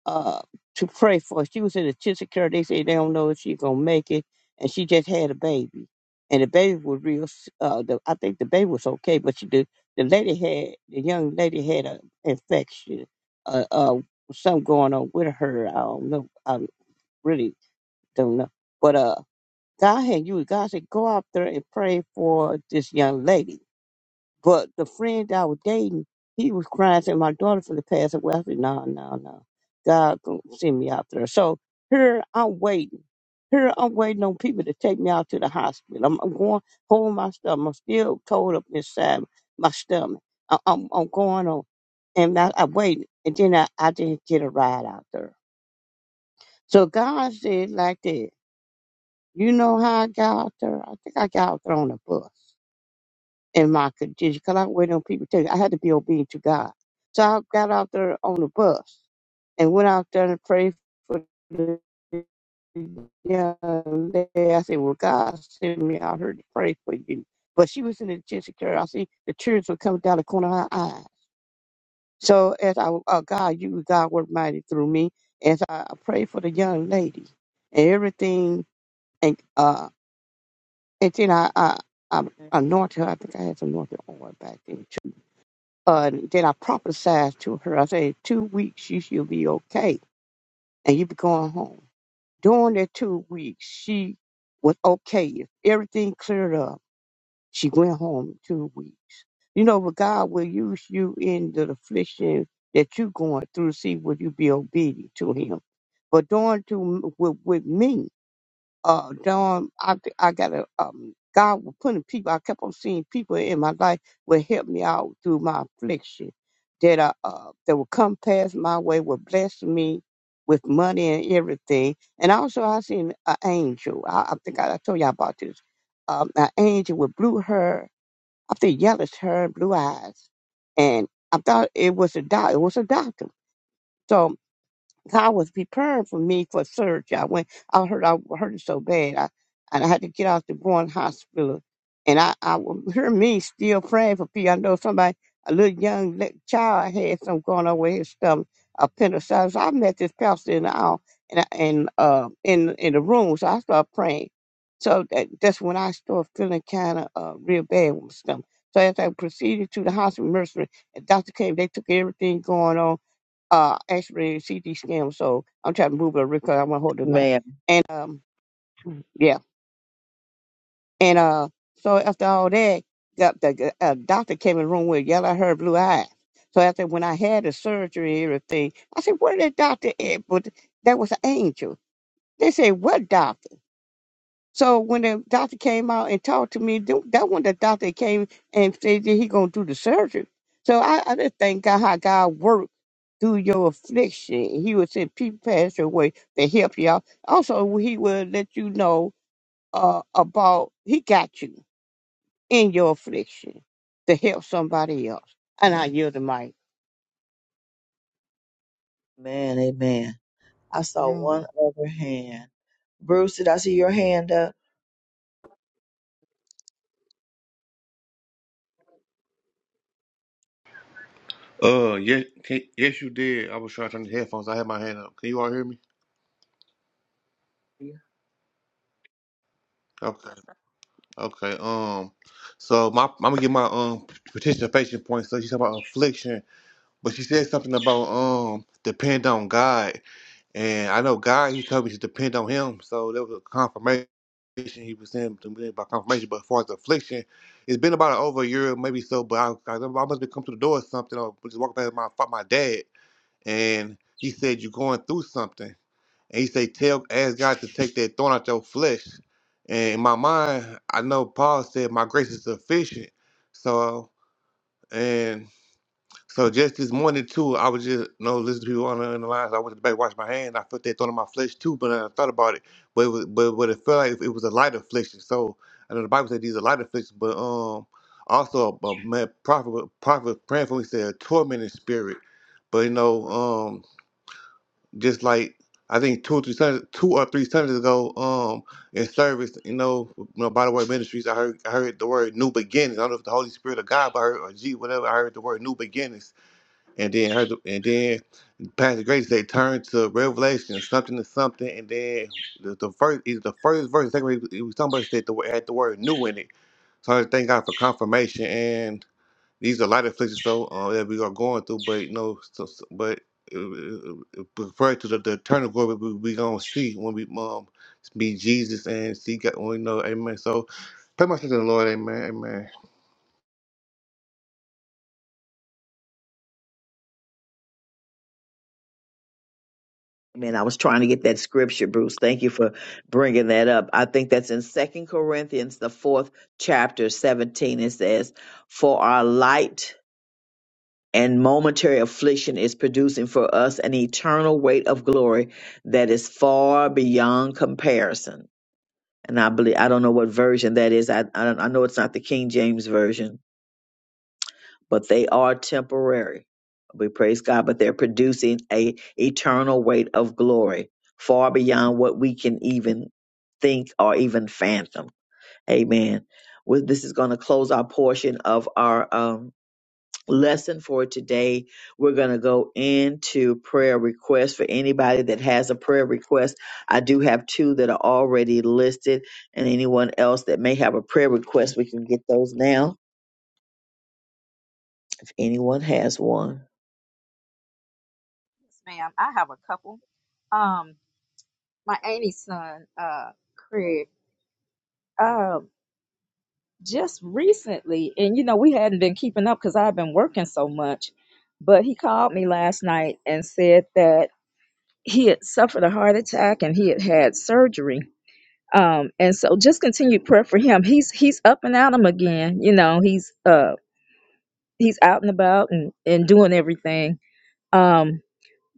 S18: uh, to pray for. her. She was in a intensive care. They say they don't know if she's gonna make it, and she just had a baby, and the baby was real. s- Uh, the, I think the baby was okay, but she did. The lady had the young lady had an infection, uh, uh, something going on with her. I don't know. I really don't know. But uh, God had you. God said, go out there and pray for this young lady but the friend I was dating, he was crying, saying, My daughter for the past away. I said, No, no, no. God gonna send me out there. So here I'm waiting. Here I'm waiting on people to take me out to the hospital. I'm, I'm going holding my stomach. I'm still cold up inside my stomach. I, I'm, I'm going on. And I, I waited. And then I, I didn't get a ride out there. So God said like that. You know how I got out there? I think I got out there on a bus in my condition because I waited on people to tell you I had to be obedient to God. So I got out there on the bus and went out there and prayed for the young lady. I said, Well, God sent me out here to pray for you. But she was in the intensive care. I see the tears were coming down the corner of her eyes. So as I, uh, God, you, God worked mighty through me as I prayed for the young lady and everything. And, uh, and then I, I, I anointed her. I think I had some anointed oil back then Uh, and then I prophesied to her. I said, two weeks, you should be okay. And you be going home. During that two weeks, she was okay. Everything cleared up. She went home two weeks. You know, but God will use you in the affliction that you are going through. See, will you be obedient to him? But during two, with, with me, uh Don, I I got a um God was putting people I kept on seeing people in my life would help me out through my affliction that I uh that would come past my way would bless me with money and everything and also I seen an angel I, I think I, I told you all about this um an angel with blue hair I think yellowish hair and blue eyes and I thought it was a doc it was a doctor So God was preparing for me for surgery. I went, I hurt, I hurt it so bad. I, and I had to get out the Bourne Hospital. And I, I would hear me still praying for people. I know somebody, a little young li- child had something going on with his stomach, appendicitis. I met this pastor in the aisle and, I- and uh, in, in the room, so I started praying. So that, that's when I started feeling kind of uh, real bad with my stomach. So as I proceeded to the hospital nursery, and doctor came, they took everything going on uh actually CT scan. So I'm trying to move it because I want to hold the line.
S2: Man,
S18: And um yeah, and uh so after all that, got the uh, doctor came in the room with yellow hair, blue eyes. So after when I had the surgery and everything, I said, "Where that doctor at?" But that was an angel. They said, "What doctor?" So when the doctor came out and talked to me, th- that when the doctor came and said that he gonna do the surgery. So I, I just thank God how God worked through your affliction. He would send people past your way to help you out. Also, he will let you know uh, about he got you in your affliction to help somebody else. And I yield the mic.
S2: man, amen. I saw one other hand. Bruce, did I see your hand up?
S11: Uh, yes, yes, you did. I was trying to turn the headphones. I had my hand up. Can you all hear me? Okay, okay. Um, so my I'm gonna get my um participation points. So she talking about affliction, but she said something about um depend on God, and I know God. He told me to depend on Him, so that was a confirmation. affliction he was in to by confirmation. But as far as affliction, it's been about over a year, maybe so. But I, I, I must have come to the door or something, or just walking past my my dad, and he said, "You're going through something." And he said, tell, ask God to take that thorn out your flesh. And in my mind, I know Paul said, my grace is sufficient. So, and. So just this morning too, I was just you know listening to people on the, on the lines. I went to the back, washed my hand. I felt that thought in my flesh too, but I thought about it. But it was, but but it felt like it was a light affliction. So I know the Bible said these are light afflictions, but um also a a man prophet was- prophet was praying for me said a tormented spirit. But you know um just like I think two or three Sundays, two or three Sundays ago um in service, you know, you know by the way ministries, I heard I heard the word new beginnings. I don't know if the Holy Spirit of God, but I heard, or G whatever. I heard the word new beginnings and then her, and then Pastor Grace they turned to Revelation something to something, and then the, the first either the first verse, second verse, it was somebody said the had the word new in it. So I thank God for confirmation, and these are light afflictions so uh, that we are going through, but you know, so, so- but uh, uh, uh, uh, refer to the, the eternal glory we, we gonna see when we um be Jesus and see God, when we know, Amen. So pray my sister in the Lord, Amen, Amen.
S2: Man, I was trying to get that scripture, Bruce. Thank you for bringing that up. I think that's in Second Corinthians, the fourth chapter, 17. It says, For our light and momentary affliction is producing for us an eternal weight of glory that is far beyond comparison. And I believe I don't know what version that is. I I, don't, I know it's not the King James version, but they are temporary. We praise God, but they're producing a eternal weight of glory far beyond what we can even think or even fathom. Amen. With this is going to close our portion of our um, lesson for today. We're going to go into prayer requests for anybody that has a prayer request. I do have two that are already listed, and anyone else that may have a prayer request, we can get those now if anyone has one.
S16: Yes, ma'am. I have a couple. Um, my auntie's son, uh, Craig, um, just recently, and you know, we hadn't been keeping up because I've been working so much, but he called me last night and said that he had suffered a heart attack and he had had surgery um and so just continued prayer for him he's he's up and at 'em again you know he's uh he's out and about and and doing everything um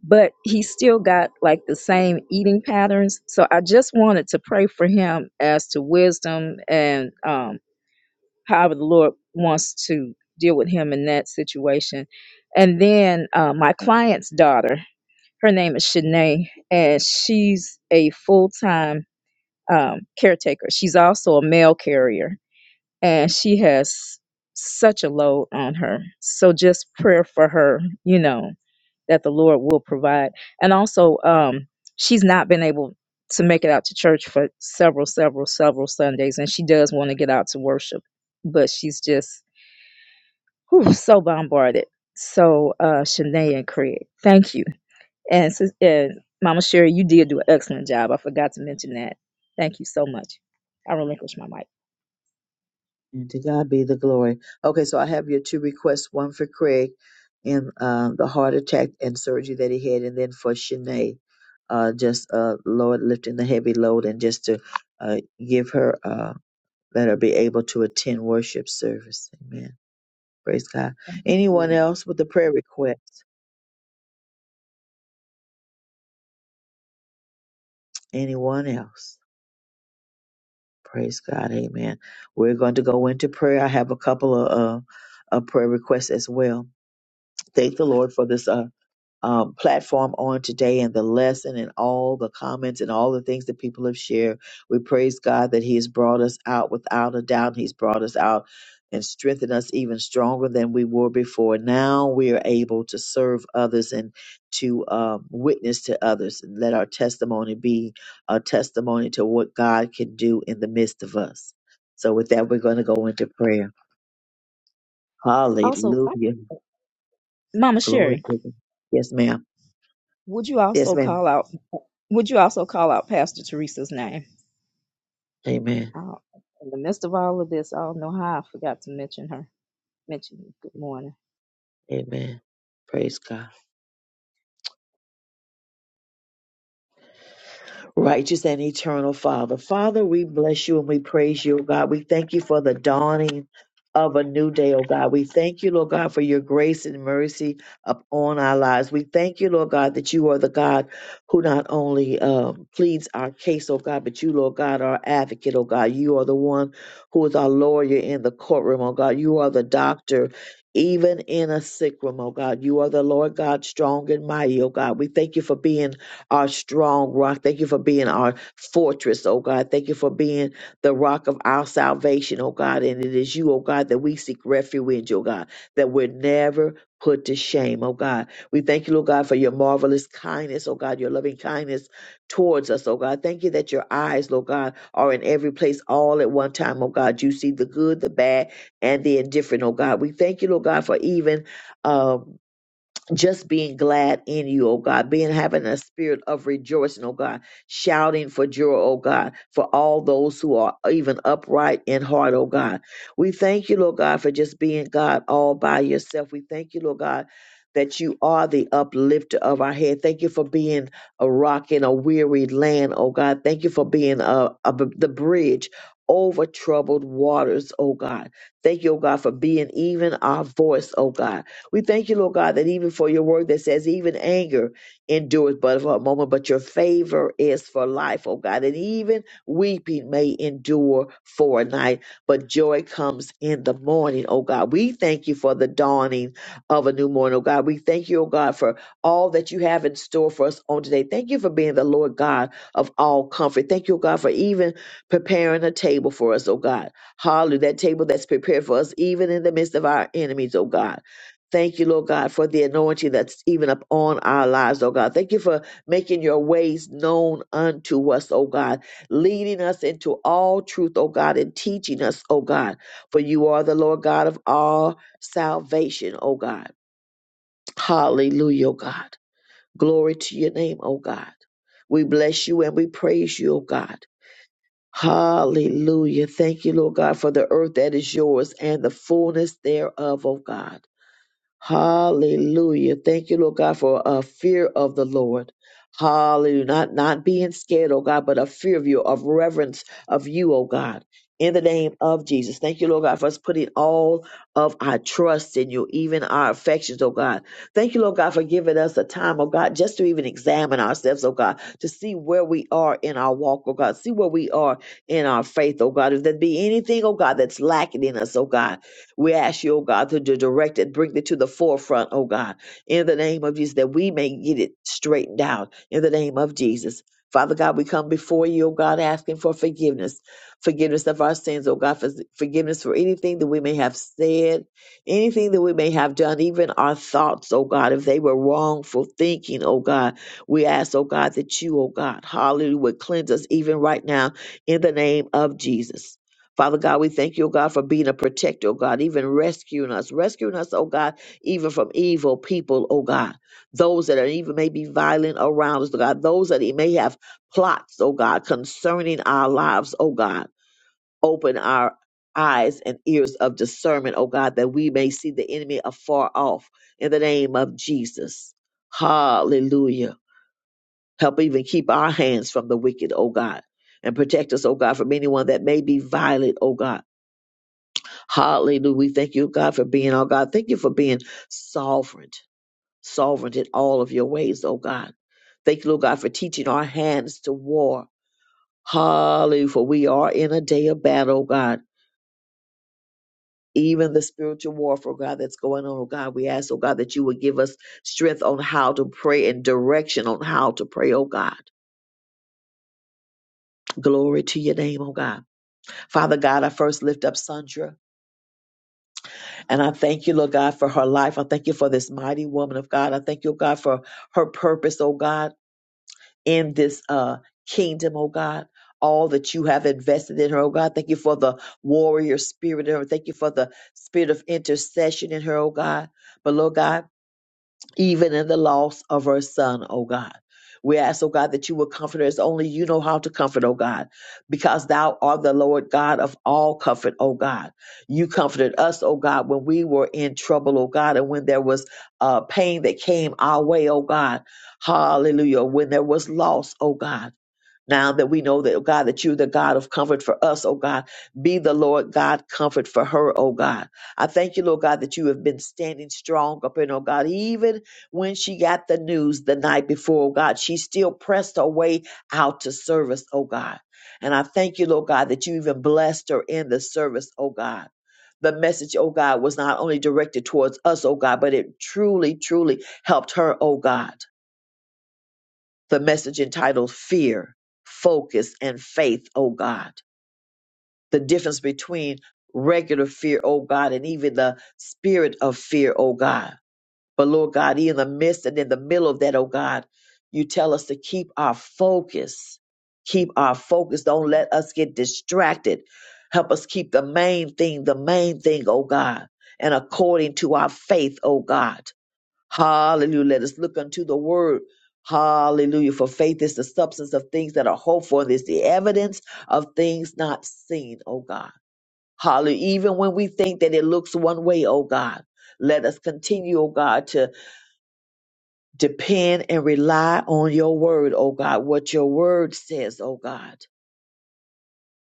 S16: but he's still got like the same eating patterns so i just wanted to pray for him as to wisdom and um however the lord wants to deal with him in that situation and then uh, my client's daughter her name is Shanae, and she's a full-time um, caretaker she's also a mail carrier and she has such a load on her. So just prayer for her, you know, that the Lord will provide. And also, um, she's not been able to make it out to church for several, several, several Sundays, and she does want to get out to worship, but she's just whew, so bombarded. So, uh, Shanae and Craig, thank you, and, sis- and Mama Sherry, you did do an excellent job. I forgot to mention that. Thank you so much. I relinquish my
S2: And to God be the glory. Okay, so I have your two requests, one for Craig and uh, the heart attack and surgery that he had, and then for Shanae, uh, just uh, Lord lifting the heavy load and just to uh, give her, uh, let her be able to attend worship service. Amen. Praise God. Anyone
S16: mic.
S2: else with a prayer request? Anyone else? Praise God. Amen. We're going to go into prayer. I have a couple of uh, uh, prayer requests as well. Thank the Lord for this. Uh, um, platform on today and the lesson and all the comments and all the things that people have shared. We praise God that He has brought us out without a doubt. He's brought us out and strengthened us even stronger than we were before. Now we are able to serve others and to um, witness to others and let our testimony be a testimony to what God can do in the midst of us. So, with that, we're going to go into prayer.
S16: Also, I,
S2: Hallelujah.
S16: Mama
S2: Glory
S16: Sherry.
S2: to God. Yes, ma'am.
S16: Would you
S2: Yes,
S16: also
S2: ma'am.
S16: call out? Would you also call out Pastor Teresa's name?
S2: Amen.
S16: Oh, in the midst of all of this, I don't know how I forgot to mention her. Mention you. good morning.
S2: Amen. Praise God. Righteous and eternal Father. Father, we bless you and we praise you, O God. We thank you for the dawning of a new day, O God. We thank you, Lord God, for your grace and mercy upon our lives. We thank you, Lord God, that you are the God who not only um, pleads our case, O God, but you, Lord God, are our advocate, O God. You are the one who is our lawyer in the courtroom, O God. You are the doctor. Even in a sick room, O God, you are the Lord God, strong and mighty, O God. We thank you for being our strong rock. Thank you for being our fortress, oh God. Thank you for being the rock of our salvation, oh God. And it is you, oh God, that we seek refuge, oh God, that we're never put to shame, oh God. We thank you, Lord God, for your marvelous kindness, oh God, your loving kindness towards us, oh God. Thank you that your eyes, Lord God, are in every place all at one time, oh God. You see the good, the bad, and the indifferent, oh God. We thank you, Lord God, for even. Um, just being glad in you, oh God, being having a spirit of rejoicing, oh God, shouting for joy, oh God, for all those who are even upright in heart, oh God. We thank you, Lord God, for just being God all by yourself. We thank you, Lord God. That you are the uplifter of our head. Thank you for being a rock in a weary land, oh God. Thank you for being uh a, the bridge over troubled waters, oh God. Thank you, oh God, for being even our voice, oh God. We thank you, Lord God, that even for your word that says, even anger endures but for a moment, but your favor is for life, oh God. And even weeping may endure for a night, but joy comes in the morning, oh God. We thank you for the dawning of a new morning, oh God. We thank you, oh God, for all that you have in store for us on today. Thank you for being the Lord God of all comfort. Thank you, oh God, for even preparing a table for us, oh God. Hallelujah. That table that's prepared for us, even in the midst of our enemies, oh God. Thank you, Lord God, for the anointing that's even upon our lives, oh God. Thank you for making your ways known unto us, oh God, leading us into all truth, oh God, and teaching us, oh God. For you are the Lord God of all salvation, oh God. Hallelujah, oh God. Glory to your name, oh God. We bless you and we praise you, oh God. Hallelujah. Thank you, Lord God, for the earth that is yours and the fullness thereof, oh God. Hallelujah. Thank you, Lord God, for a fear of the Lord. Hallelujah. Not, not being scared, oh God, but a fear of you, of reverence of you, oh God. In the name of Jesus. Thank you, Lord God, for us putting all of our trust in you, even our affections, oh God. Thank you, Lord God, for giving us a time, oh God, just to even examine ourselves, oh God, to see where we are in our walk, oh God, see where we are in our faith, oh God. If there be anything, oh God, that's lacking in us, oh God. We ask you, oh God, to direct it, bring it to the forefront, oh God, in the name of Jesus, that we may get it straightened out in the name of Jesus. Father God, we come before you, oh God, asking for forgiveness, forgiveness of our sins, oh God, for forgiveness for anything that we may have said, anything that we may have done, even our thoughts, oh God, if they were wrongful thinking, oh God. We ask, oh God, that you, oh God, hallelujah, would cleanse us even right now in the name of Jesus. Father God, we thank you, oh God, for being a protector, oh God, even rescuing us, rescuing us, oh God, even from evil people, oh God, those that are even may be violent around us, oh God, those that he may have plots, oh God, concerning our lives, oh God, open our eyes and ears of discernment, oh God, that we may see the enemy afar off in the name of Jesus. Hallelujah. Help even keep our hands from the wicked, oh God, and protect us, oh God, from anyone that may be violent, oh God Hallelujah. We thank you, God, for being our God. Thank you for being sovereign, sovereign in all of your ways, oh God. Thank you, Lord God, for teaching our hands to war. Hallelujah. For we are in a day of battle, oh God. Even the spiritual warfare, oh God, that's going on, oh God. We ask, oh God, that you would give us strength on how to pray and direction on how to pray, oh God. Glory to your name, oh God. Father God, I first lift up Sandra. And I thank you, Lord God, for her life. I thank you for this mighty woman of God. I thank you, God, for her purpose, oh God, in this uh kingdom, oh God. All that you have invested in her, oh God. Thank you for the warrior spirit in her. Thank you for the spirit of intercession in her, oh God. But Lord God even in the loss of her son, O God. We ask, O God, that you will comfort us. Only you know how to comfort, O God, because thou art the Lord God of all comfort, O God. You comforted us, O God, when we were in trouble, O God, and when there was uh, pain that came our way, O God. Hallelujah. When there was loss, O God. Now that we know that, oh God, that you're the God of comfort for us, oh God, be the Lord God comfort for her, oh God. I thank you, Lord God, that you have been standing strong up in, oh God. Even when she got the news the night before, oh God, she still pressed her way out to service, oh God. And I thank you, Lord God, that you even blessed her in the service, oh God. The message, oh God, was not only directed towards us, oh God, but it truly, truly helped her, oh God the message entitled Fear, Focus, and Faith, oh God. The difference between regular fear, oh God, and even the spirit of fear, oh God. But Lord God, in the midst and in the middle of that, oh God, you tell us to keep our focus. Keep our focus. Don't let us get distracted. Help us keep the main thing, the main thing, oh God, and according to our faith, oh God. Hallelujah. Let us look unto the word. Hallelujah. For faith is the substance of things that are hoped for, and is the evidence of things not seen, oh God. Hallelujah. Even when we think that it looks one way, oh God. Let us continue, oh God, to depend and rely on your word, oh God, what your word says, oh God.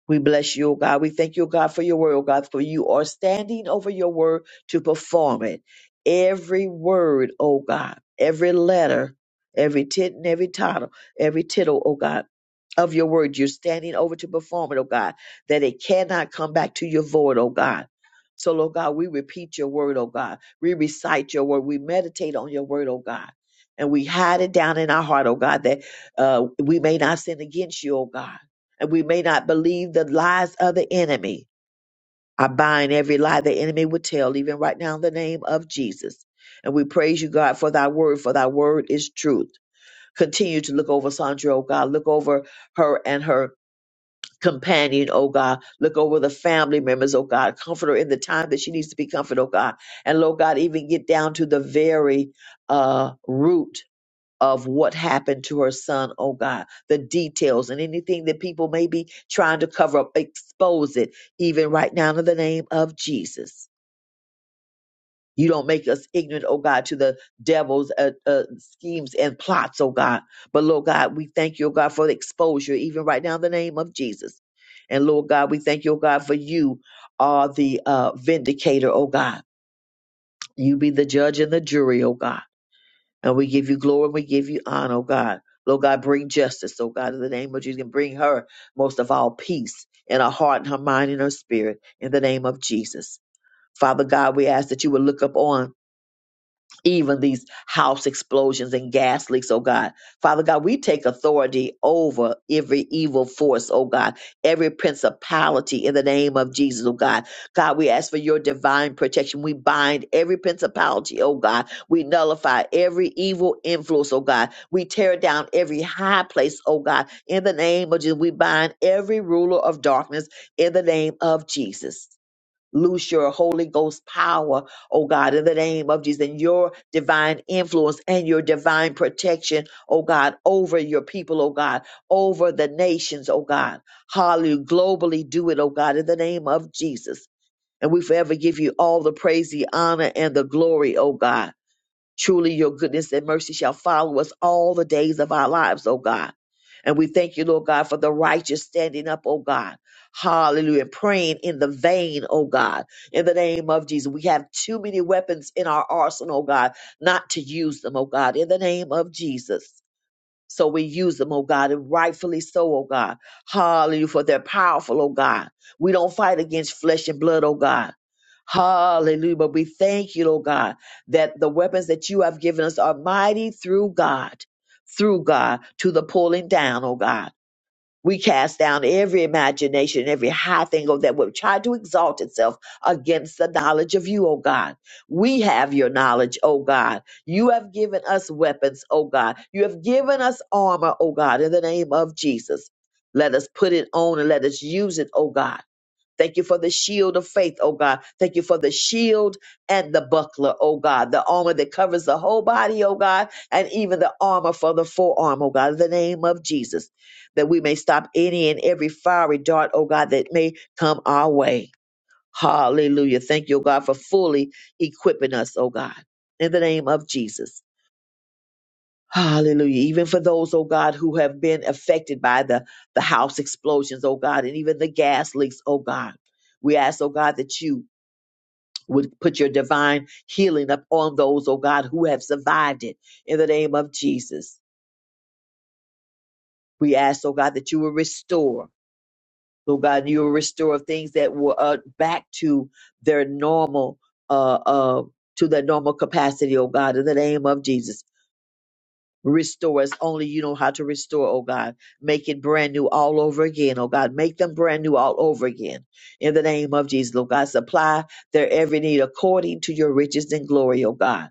S2: We bless you, O God. We thank you, O God, for your word, O God, for you are standing over your word to perform it. Every word, O God, every letter, every tit and every title, every tittle, O God, of your word, you're standing over to perform it, O God, that it cannot come back to your void, O God. So, Lord God, we repeat your word, O God. We recite your word. We meditate on your word, O God. And we hide it down in our heart, O God, that uh, we may not sin against you, O God and we may not believe the lies of the enemy. I bind every lie the enemy would tell, even right now in the name of Jesus. And we praise you, God, for thy word, for thy word is truth. Continue to look over Sandra, oh God. Look over her and her companion, oh God. Look over the family members, oh God. Comfort her in the time that she needs to be comforted, oh God. And Lord God, even get down to the very uh root of what happened to her son, oh God, the details and anything that people may be trying to cover up, expose it, even right now in the name of Jesus. You don't make us ignorant, oh God, to the devil's uh, uh, schemes and plots, oh God. But Lord God, we thank you, oh God, for the exposure, even right now in the name of Jesus. And Lord God, we thank you, oh God, for you are the uh, vindicator, oh God. You be the judge and the jury, oh God. And we give you glory we give you honor, oh God. Lord God, bring justice, oh God, in the name of Jesus. And bring her, most of all, peace in her heart and her mind and her spirit in the name of Jesus. Father God, we ask that you would look upon even these house explosions and gas leaks, oh God. Father God, we take authority over every evil force, oh God, every principality in the name of Jesus, oh God. God, we ask for your divine protection. We bind every principality, oh God. We nullify every evil influence, oh God. We tear down every high place, oh God. In the name of Jesus, we bind every ruler of darkness in the name of Jesus. Loose your Holy Ghost power, oh God, in the name of Jesus, and your divine influence and your divine protection, oh God, over your people, oh God, over the nations, oh God. Hallelujah. Globally do it, oh God, in the name of Jesus. And we forever give you all the praise, the honor, and the glory, oh God. Truly, your goodness and mercy shall follow us all the days of our lives, O God. And we thank you, Lord God, for the righteous standing up, O God. Hallelujah. And praying in the vein, O God, in the name of Jesus. We have too many weapons in our arsenal, O God, not to use them, O God, in the name of Jesus. So we use them, oh God, and rightfully so, oh God. Hallelujah, for they're powerful, oh God. We don't fight against flesh and blood, oh God. Hallelujah. But we thank you, oh God, that the weapons that you have given us are mighty through God, through God, to the pulling down, oh God. We cast down every imagination, every high thing oh, that would try to exalt itself against the knowledge of you, O God. We have your knowledge, O God. You have given us weapons, O God. You have given us armor, O God, in the name of Jesus. Let us put it on and let us use it, O God Thank you for the shield of faith, oh God. Thank you for the shield and the buckler, oh God. The armor that covers the whole body, oh God, and even the armor for the forearm, oh God, in the name of Jesus, that we may stop any and every fiery dart, oh God, that may come our way. Hallelujah. Thank you, oh God, for fully equipping us, oh God, in the name of Jesus. Hallelujah. Even for those, oh God, who have been affected by the, the house explosions, oh God, and even the gas leaks, oh God. We ask, oh God, that you would put your divine healing up on those, oh God, who have survived it in the name of Jesus. We ask, oh God, that you will restore, oh God, you will restore things that were uh, back to their normal, uh, uh, to their normal capacity, oh God, in the name of Jesus. Restore us only you know how to restore, oh God. Make it brand new all over again, oh God. Make them brand new all over again. In the name of Jesus, oh God. Supply their every need according to your riches and glory, oh God.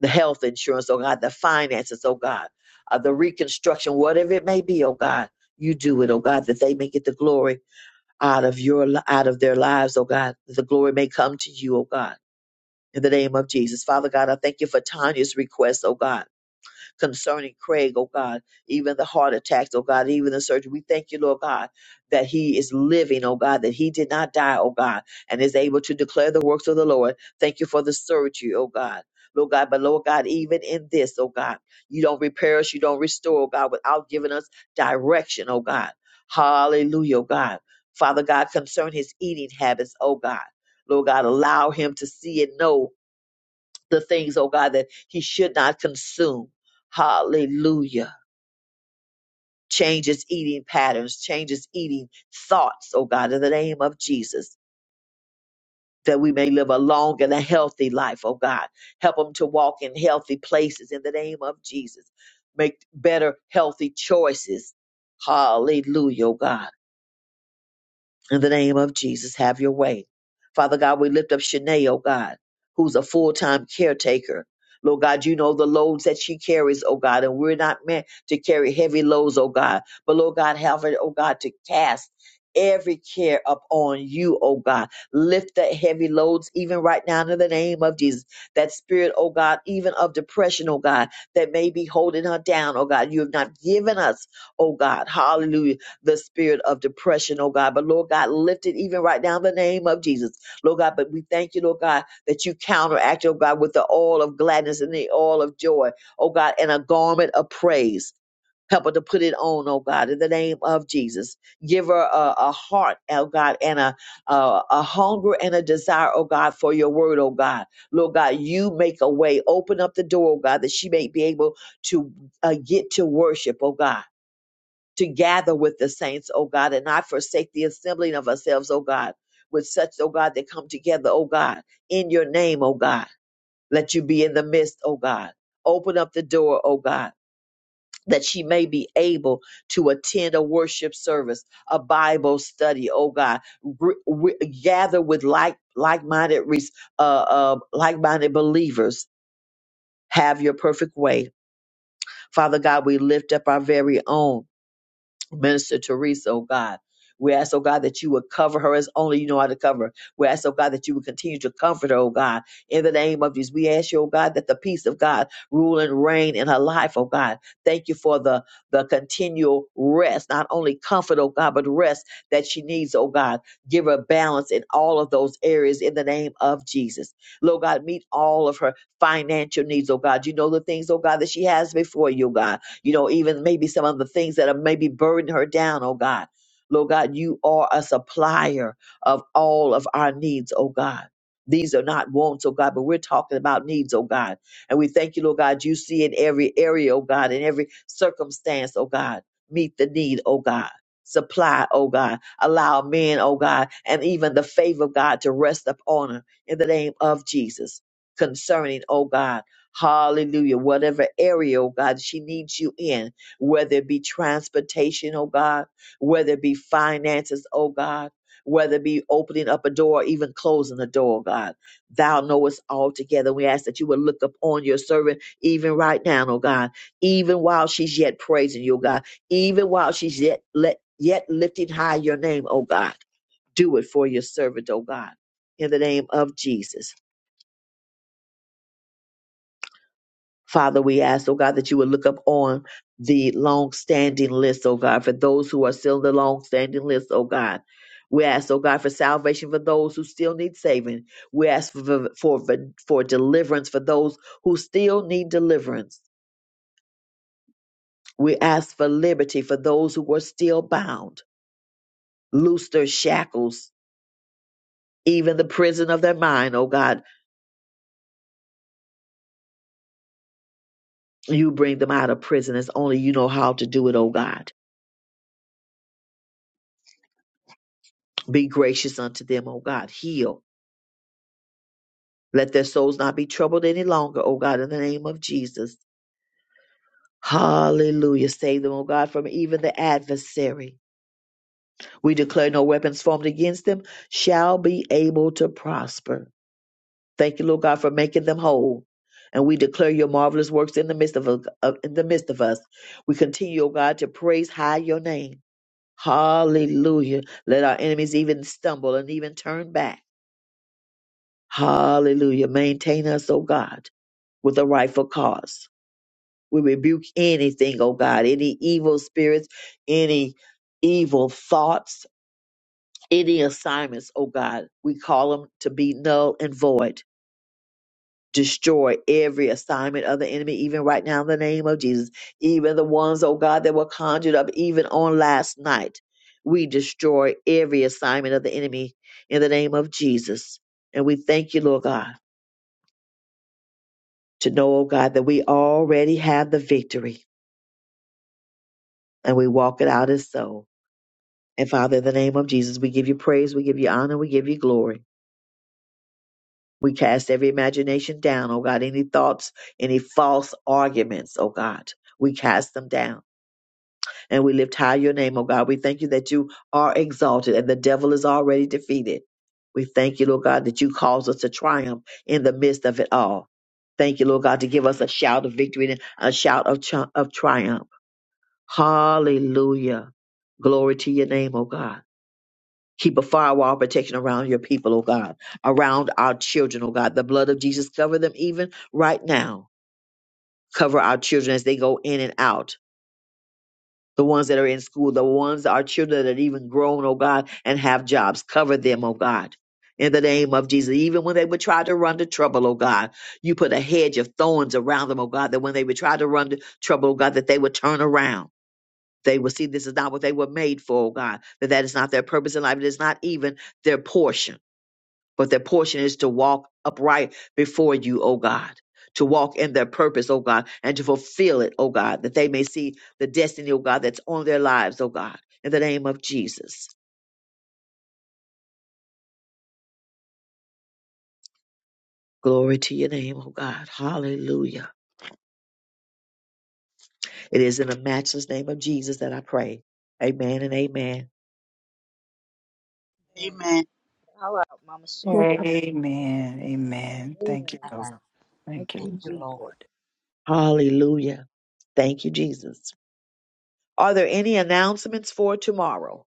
S2: The health insurance, oh God. The finances, oh God. Uh, the reconstruction, whatever it may be, oh God. You do it, oh God, that they may get the glory out of your li- out of their lives, oh God. That the glory may come to you, oh God. In the name of Jesus. Father God, I thank you for Tanya's request, oh God concerning Craig, oh God, even the heart attacks, oh God, even the surgery. We thank you, Lord God, that he is living, oh God, that he did not die, oh God, and is able to declare the works of the Lord. Thank you for the surgery, oh God. Lord God, but Lord God, even in this, oh God, you don't repair us, you don't restore, oh God, without giving us direction, oh God. Hallelujah, oh God. Father God, concern his eating habits, oh God. Lord God, allow him to see and know the things, oh God, that he should not consume. Hallelujah. Change his eating patterns, change his eating thoughts, oh God, in the name of Jesus, that we may live a long and a healthy life, oh God. Help him to walk in healthy places in the name of Jesus. Make better, healthy choices. Hallelujah, oh God. In the name of Jesus, have your way. Father God, we lift up Shanae, oh God, who's a full time caretaker. Lord God, you know the loads that she carries, oh God, and we're not meant to carry heavy loads, oh God. But Lord God, have her, oh God, to cast every care up on you, oh God. Lift that heavy loads even right now in the name of Jesus. That spirit, oh God, even of depression, oh God, that may be holding her down, oh God. You have not given us, oh God, hallelujah the spirit of depression, oh God. But Lord God, lift it even right now in the name of Jesus. Lord God, but we thank you, Lord God, that you counteract, oh God, with the oil of gladness and the oil of joy, oh God, and a garment of praise. Help her to put it on, oh God, in the name of Jesus. Give her a, a heart, oh God, and a, a a hunger and a desire, oh God, for your word, oh God. Lord God, you make a way. Open up the door, oh God, that she may be able to uh, get to worship, oh God to gather with the saints, O God, and not forsake the assembling of ourselves, O God, with such, O God, that come together, O God, in your name, O God. Let you be in the midst, O God. Open up the door, O God, that she may be able to attend a worship service, a Bible study, O God. Re- re- gather with like like-minded, res- uh, uh, like-minded believers. Have your perfect way, Father God. We lift up our very own. Minister Teresa, oh God. We ask, oh God, that you would cover her as only you know how to cover. We ask, oh God, that you would continue to comfort her, oh God, in the name of Jesus. We ask you, oh God, that the peace of God rule and reign in her life, oh God. Thank you for the, the continual rest, not only comfort, oh God, but rest that she needs, oh God. Give her balance in all of those areas in the name of Jesus. Lord God, meet all of her financial needs, oh God. You know the things, oh God, that she has before you, oh God you know, even maybe some of the things that are maybe burden her down, oh God. Lord God, you are a supplier of all of our needs, oh God. These are not wants, oh God, but we're talking about needs, oh God. And we thank you, Lord God, you see in every area, oh God, in every circumstance, oh God, meet the need, oh God. Supply, oh God. Allow men, oh God, and even the favor of God to rest upon her in the name of Jesus concerning, oh God. Hallelujah. Whatever area, oh God, she needs you in, whether it be transportation, oh God, whether it be finances, oh God, whether it be opening up a door, even closing a door, oh God. Thou knowest all together. We ask that you would look upon your servant even right now, oh God, even while she's yet praising you, oh God, even while she's yet let yet lifting high your name, oh God. Do it for your servant, oh God. In the name of Jesus. Father, we ask, oh God, that you would look up on the long-standing list, oh God, for those who are still in the long-standing list, oh God. We ask, oh God, for salvation for those who still need saving. We ask for, for, for deliverance for those who still need deliverance. We ask for liberty for those who are still bound. Loose their shackles, even the prison of their mind, oh God. You bring them out of prison as only you know how to do it, oh God. Be gracious unto them, oh God. Heal. Let their souls not be troubled any longer, O God, in the name of Jesus. Hallelujah. Save them, O God, from even the adversary. We declare no weapons formed against them shall be able to prosper. Thank you, Lord God, for making them whole. And we declare your marvelous works in the midst of, of- in the midst of us. We continue, O God, to praise high your name. Hallelujah. Let our enemies even stumble and even turn back. Hallelujah. Maintain us, O God, with a rightful cause. We rebuke anything, oh God, any evil spirits, any evil thoughts, any assignments, oh God. We call them to be null and void. Destroy every assignment of the enemy, even right now in the name of Jesus. Even the ones, oh God, that were conjured up even on last night. We destroy every assignment of the enemy in the name of Jesus. And we thank you, Lord God, to know, oh God, that we already have the victory and we walk it out as so. And Father, in the name of Jesus, we give you praise, we give you honor, we give you glory. We cast every imagination down, oh God, any thoughts, any false arguments, oh God. We cast them down and we lift high your name, oh God. We thank you that you are exalted and the devil is already defeated. We thank you, Lord God, that you cause us to triumph in the midst of it all. Thank you, Lord God, to give us a shout of victory and a shout of, tri- of triumph. Hallelujah. Glory to your name, oh God. Keep a firewall of protection around your people, oh God, around our children, oh God. The blood of Jesus cover them even right now. Cover our children as they go in and out. The ones that are in school, the ones our children that are even grown, oh God, and have jobs. Cover them, oh God. In the name of Jesus, even when they would try to run to trouble, oh God, you put a hedge of thorns around them, oh God, that when they would try to run to trouble, oh God, that they would turn around. They would see this is not what they were made for, oh God, that that is not their purpose in life. It is not even their portion. but their portion is to walk upright before you, O God, to walk in their purpose, O God, and to fulfill it, O God, that they may see the destiny, O God, that's on their lives, O God, in the name of Jesus. Glory to your name, O God. Hallelujah. It is in the matchless name of Jesus that I pray. Amen and amen.
S16: Yeah,
S17: Amen.
S16: you call out Mama Sherry. I'll call you back.
S4: Amen. Amen. Thank you.
S16: Amen.
S19: Thank
S4: Lord.
S16: Thank
S4: Thank you.
S16: you,
S4: Lord.
S19: you,
S16: Jesus.
S19: Lord.
S2: Hallelujah. Thank you, Jesus. Are there any announcements for tomorrow?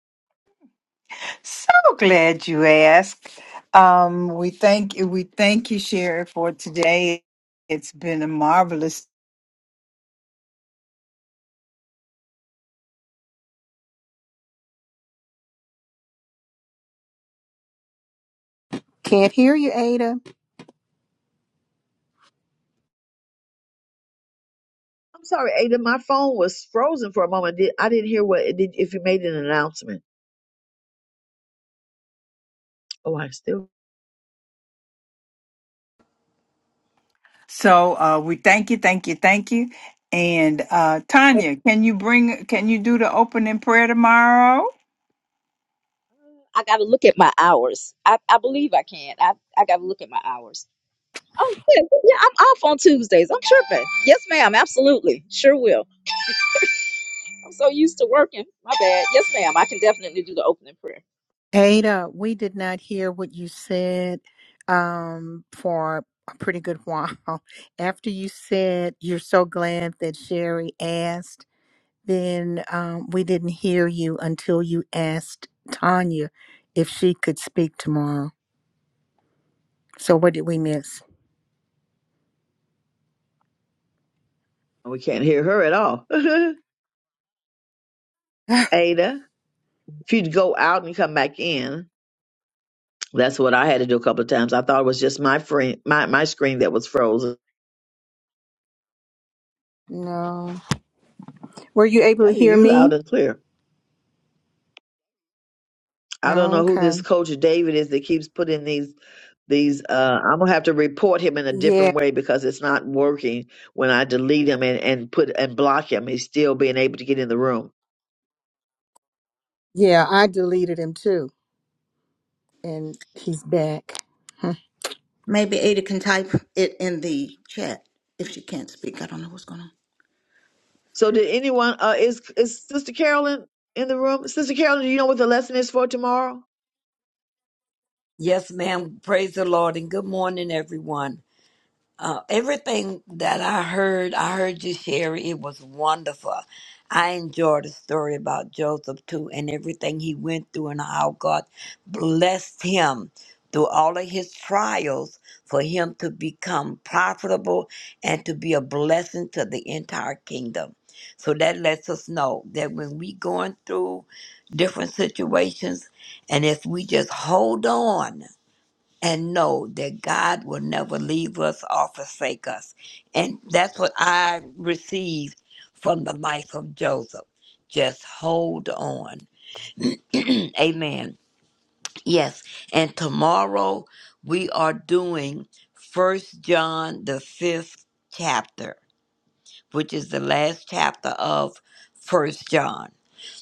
S4: So glad you asked. Um, we thank you. We thank you, Sherry, for today. It's been a marvelous.
S1: Can't hear you, Ada.
S2: I'm sorry, Ada, my phone was frozen for a moment. Did- I didn't hear what, it did, if you made an announcement. Oh, I still
S4: So uh, we thank you, thank you, thank you. And uh, Tanya, can you bring? Can you do the opening prayer tomorrow?
S16: I got to look at my hours. I, I believe I can. I I got to look at my hours. Oh yeah, yeah. I'm off on Tuesdays. I'm tripping. Yes, ma'am. Absolutely. Sure will. I'm so used to working. My bad. Yes, ma'am. I can definitely do the opening prayer.
S1: Ada, we did not hear what you said um, for a pretty good while. After you said you're so glad that Sherry asked, then um, we didn't hear you until you asked Tanya if she could speak tomorrow. So what did we miss?
S2: We can't hear her at all. Ada, if you'd go out and come back in, that's what I had to do a couple of times. I thought it was just my friend, my, my screen that was frozen.
S1: No. Were you able
S2: I
S1: to
S2: hear
S1: hear
S2: you loud
S1: me?
S2: and clear. I don't know who this
S1: Okay.
S2: coach David is that keeps putting these these. Uh, I'm gonna have to report him in a different
S1: Yeah.
S2: way because it's not working. When I delete him and, and put and block him, he's still being able to get in the room.
S1: Yeah, I deleted him too. And he's back. I
S3: Maybe Ada can type it in the chat if she can't speak. I don't know what's going on.
S2: So did anyone? Uh, is is Sister Carolyn in the room? Sister Carolyn, do you know what the lesson is for tomorrow?
S19: Yes, ma'am. Praise the Lord and good morning, everyone. Uh, everything that I heard, I heard you, Sherry. It was wonderful. I enjoyed the story about Joseph too, and everything he went through, and how God blessed him through all of his trials for him to become profitable and to be a blessing to the entire kingdom. So that lets us know that when we going through different situations, and if we just hold on and know that God will never leave us or forsake us. And that's what I received from the life of Joseph. Just hold on. Amen. Yes. And tomorrow we are doing First John the fifth chapter, which is the last chapter of First John.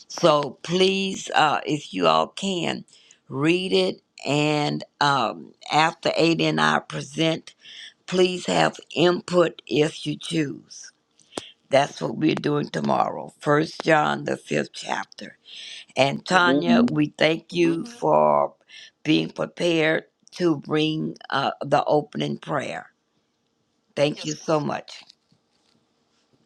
S19: So please, uh, if you all can, read it. And um, after Ada and I present Please have input if you choose. That's what we're doing tomorrow. First John the fifth chapter. And Tanya, we thank you for being prepared to bring uh, the opening prayer. Thank you so much.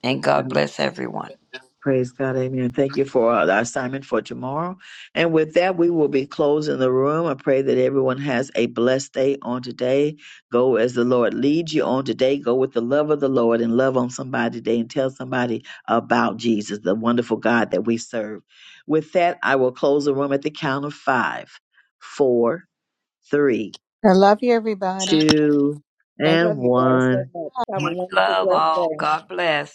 S19: And God bless everyone.
S2: Praise God, amen. Thank you for our assignment for tomorrow. And with that, we will be closing the room. I pray that everyone has a blessed day on today. Go as the Lord leads you on today. Go with the love of the Lord and love on somebody today and tell somebody about Jesus, the wonderful God that we serve. With that, I will close the room at the count of five, four, three,
S1: love you, everybody.
S2: two,
S1: Stay
S2: and
S16: Love you guys
S2: one.
S16: so much. Have a
S19: Much
S16: wonderful,
S19: love
S16: blessed
S19: all.
S16: day.
S19: God bless.